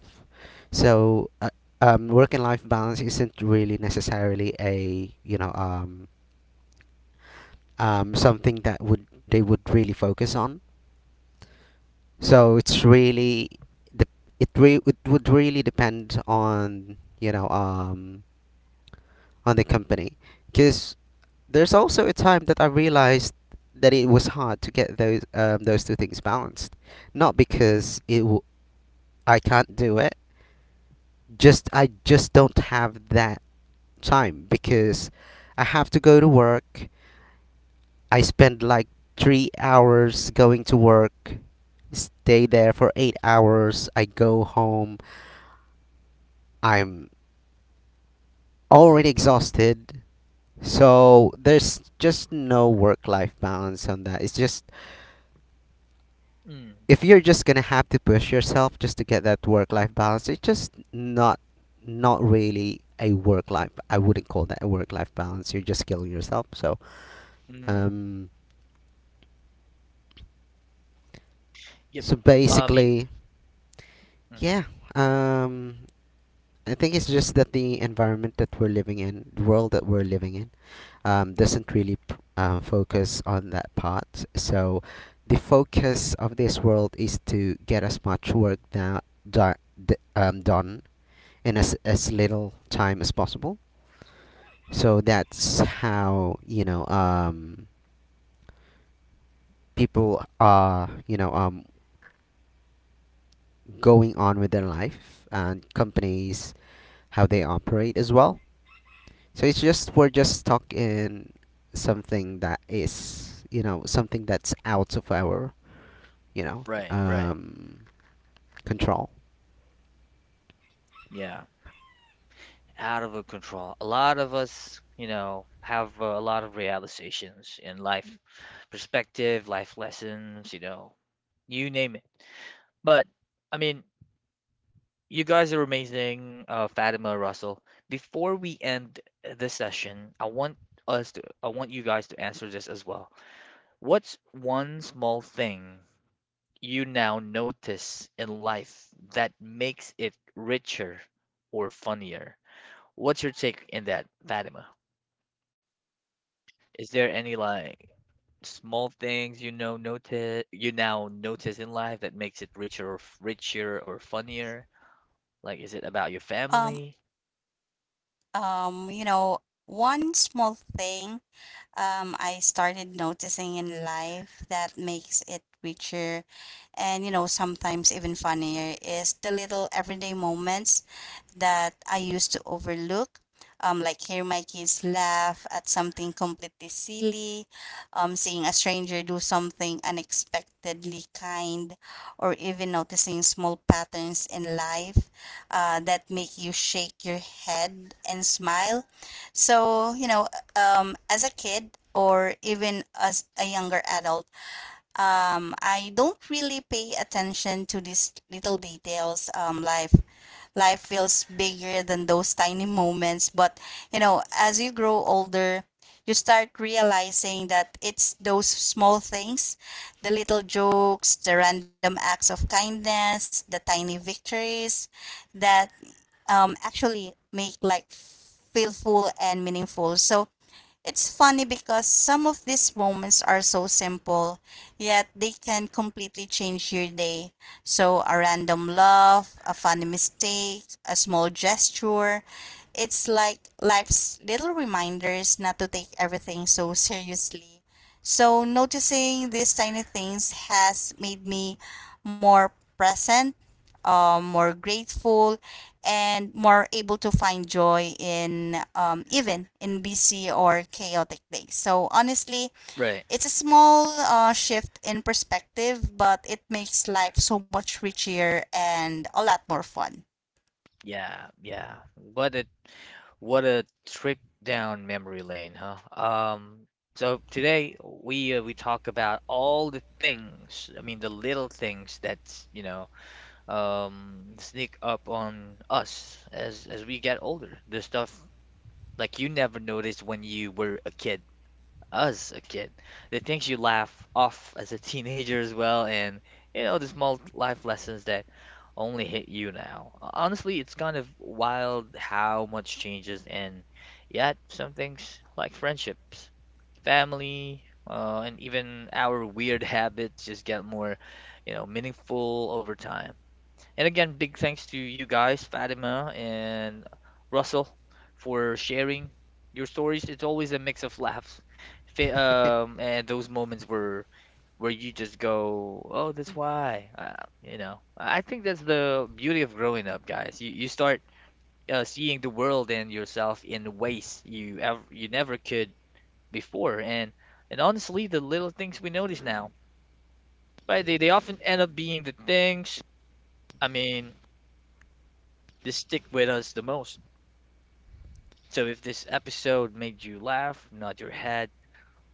Speaker 2: So work and life balance isn't really necessarily a, you know, something that would they would really focus on. So it's really the, it would really depend on, you know, on the company, because there's also a time that I realized that it was hard to get those two things balanced. Not because it I can't do it, just I just don't have that time because I have to go to work. I spend like 3 hours going to work, stay there for 8 hours. I go home. I'm already exhausted. So there's just no work life balance on that. It's just,
Speaker 1: mm,
Speaker 2: if you're just gonna have to push yourself just to get that work life balance, it's just not really a work life. I wouldn't call that a work life balance. You're just killing yourself. So
Speaker 1: mm.
Speaker 2: um,
Speaker 1: Yep.
Speaker 2: so
Speaker 1: I mean,
Speaker 2: basically, yeah.
Speaker 1: mhm,
Speaker 2: Um, I think it's just that the environment that we're living in, the world that we're living in,
Speaker 1: mm.
Speaker 2: doesn't really focus on that part. So the focus of this world is to get as much work done in as little time as possible. So that's how, you know, people are, you know, going on with their life, and companies how they operate as well. So it's just we're just stuck in something that is, you know, something that's out of our, you know,
Speaker 1: Right, right.
Speaker 2: control.
Speaker 1: Yeah. Out of our control. A lot of us, you know, have a lot of realizations in life perspective, life lessons, you know, you name it. But I mean, you guys are amazing, Fatima, Russell. Before we end this session, I want us to, I want you guys to answer this as well. What's one small thing you now notice in life that makes it richer or funnier? What's your take in that, Fatima? Is there any like small things you know notice you now notice in life that makes it richer or richer or funnier? Like, is it about your
Speaker 3: Um,
Speaker 1: family?
Speaker 3: you know, one small thing I started noticing in life that makes it richer and, you know, sometimes even funnier is the little everyday moments that I used to overlook. Like hear my kids laugh at something completely silly, seeing a stranger do something unexpectedly kind, or even noticing small patterns in life that make you shake your head and smile. So, you know, as a kid or even as a younger adult, I don't really pay attention to these little details. Life feels bigger than those tiny moments. But you know, as you grow older, you start realizing that it's those small things, the little jokes, the random acts of kindness, the tiny victories, that actually make life feel full and meaningful. So it's funny because some of these moments are so simple, yet they can completely change your day. So, a random laugh, a funny mistake, a small gesture. It's like life's little reminders not to take everything so seriously. So, noticing these tiny things has made me more present, more grateful, and more able to find joy in, even in busy or chaotic days. So, honestly,
Speaker 1: Right.
Speaker 3: it's a small shift in perspective, but it makes life so much richer and a lot more fun.
Speaker 1: Yeah, yeah. What a what a trip down memory lane, huh? So today we talk about all the things, I mean the little things that, you know, sneak up on us as we get older. The stuff like you never noticed when you were a kid, as a kid. The things you laugh off as a teenager as well, and you know, the small life lessons that only hit you now. Honestly, it's kind of wild how much changes, and yet some things like friendships, family, and even our weird habits just get more, you know, meaningful over time. And again, big thanks to you guys, Fatima and Russell, for sharing your stories. It's always a mix of laughs, and those moments where you just go, "Oh, that's why." You know, I think that's the beauty of growing up, guys. You start seeing the world and yourself in ways you ever you never could before, and honestly, the little things we notice now, right? They often end up being the things. I mean, they stick with us the most. So if this episode made you laugh, nod your head,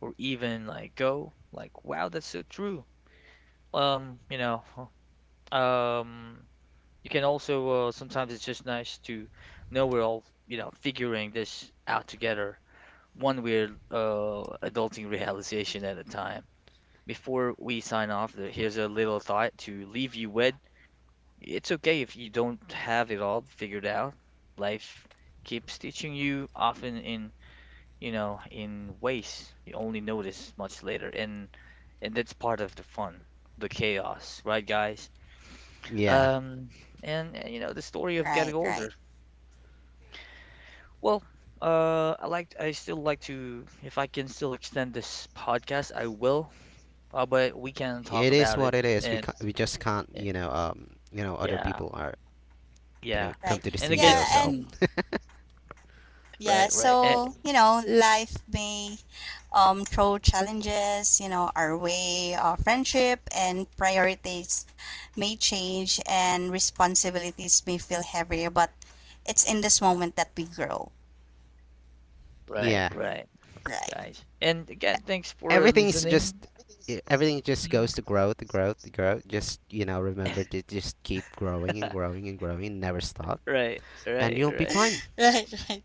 Speaker 1: or even like go, like, wow, that's so true. You know, um, you can also sometimes it's just nice to know we're all, you know, figuring this out together, one weird adulting realization at a time. Before we sign off, here's a little thought to leave you with. It's okay if you don't have it all figured out. Life keeps teaching you, often in you know, in ways you only notice much later, and that's part of the fun, the chaos, right, guys?
Speaker 2: Yeah,
Speaker 1: Um, and you know, the story of
Speaker 3: Right,
Speaker 1: getting
Speaker 3: right,
Speaker 1: older. Well, I like, I still like to, if I can still extend this podcast, I will. But we can talk
Speaker 2: it is
Speaker 1: about it,
Speaker 2: what it is. We
Speaker 1: and
Speaker 2: we just can't,
Speaker 1: eh,
Speaker 2: you know, you know, other
Speaker 1: yeah,
Speaker 2: people are gonna
Speaker 1: yeah,
Speaker 3: right.
Speaker 2: come to the
Speaker 1: and again,
Speaker 2: studio.
Speaker 3: Yeah,
Speaker 2: So
Speaker 1: mm,
Speaker 3: and yeah,
Speaker 1: right, right,
Speaker 3: so, you know, life may throw challenges, you know, our way, our friendship and priorities may change and responsibilities may feel heavier, but it's in this moment that we grow,
Speaker 1: right,
Speaker 2: yeah,
Speaker 1: right,
Speaker 3: right?
Speaker 1: guys, and again, thanks for
Speaker 2: everything is just,
Speaker 1: listening.
Speaker 2: everything just
Speaker 1: Mm.
Speaker 2: goes to growth, growth, growth. Just, you know, remember to just keep growing and growing and growing, never stop,
Speaker 1: Right,
Speaker 2: and
Speaker 1: right,
Speaker 2: you'll be
Speaker 1: right.
Speaker 2: fine.
Speaker 3: Right, right.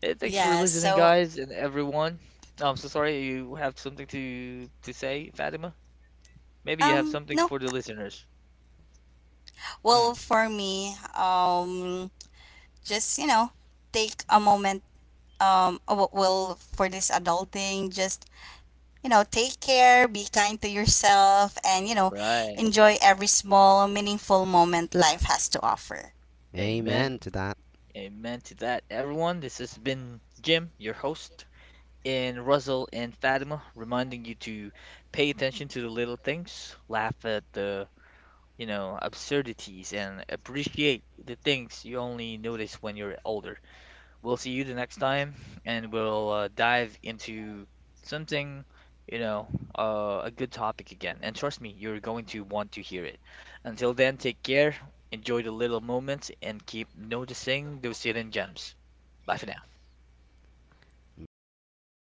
Speaker 1: Hey, thanks for
Speaker 3: Yeah,
Speaker 1: listening,
Speaker 3: so,
Speaker 1: guys and everyone. I'm so sorry you have something to say, Fatima. Maybe you have something
Speaker 3: no.
Speaker 1: for the listeners.
Speaker 3: Well,
Speaker 1: Mm,
Speaker 3: for me, just, you know, take a moment, well, for this adulting, just you know, take care, be kind to yourself, and, you know,
Speaker 1: right.
Speaker 3: enjoy every small, meaningful moment life has to offer.
Speaker 2: Amen
Speaker 1: Amen.
Speaker 2: to that.
Speaker 1: Amen to that, everyone. This has been Jim, your host, and Russell and Fatima, reminding you to pay attention to the little things, laugh at the you know absurdities, and appreciate the things you only notice when you're older. We'll see you the next time, and we'll dive into something, you know, a good topic again. And trust me, you're going to want to hear it. Until then, take care, enjoy the little moments, and keep noticing those hidden gems. Bye for now.
Speaker 2: Bye.
Speaker 3: Bye, guys.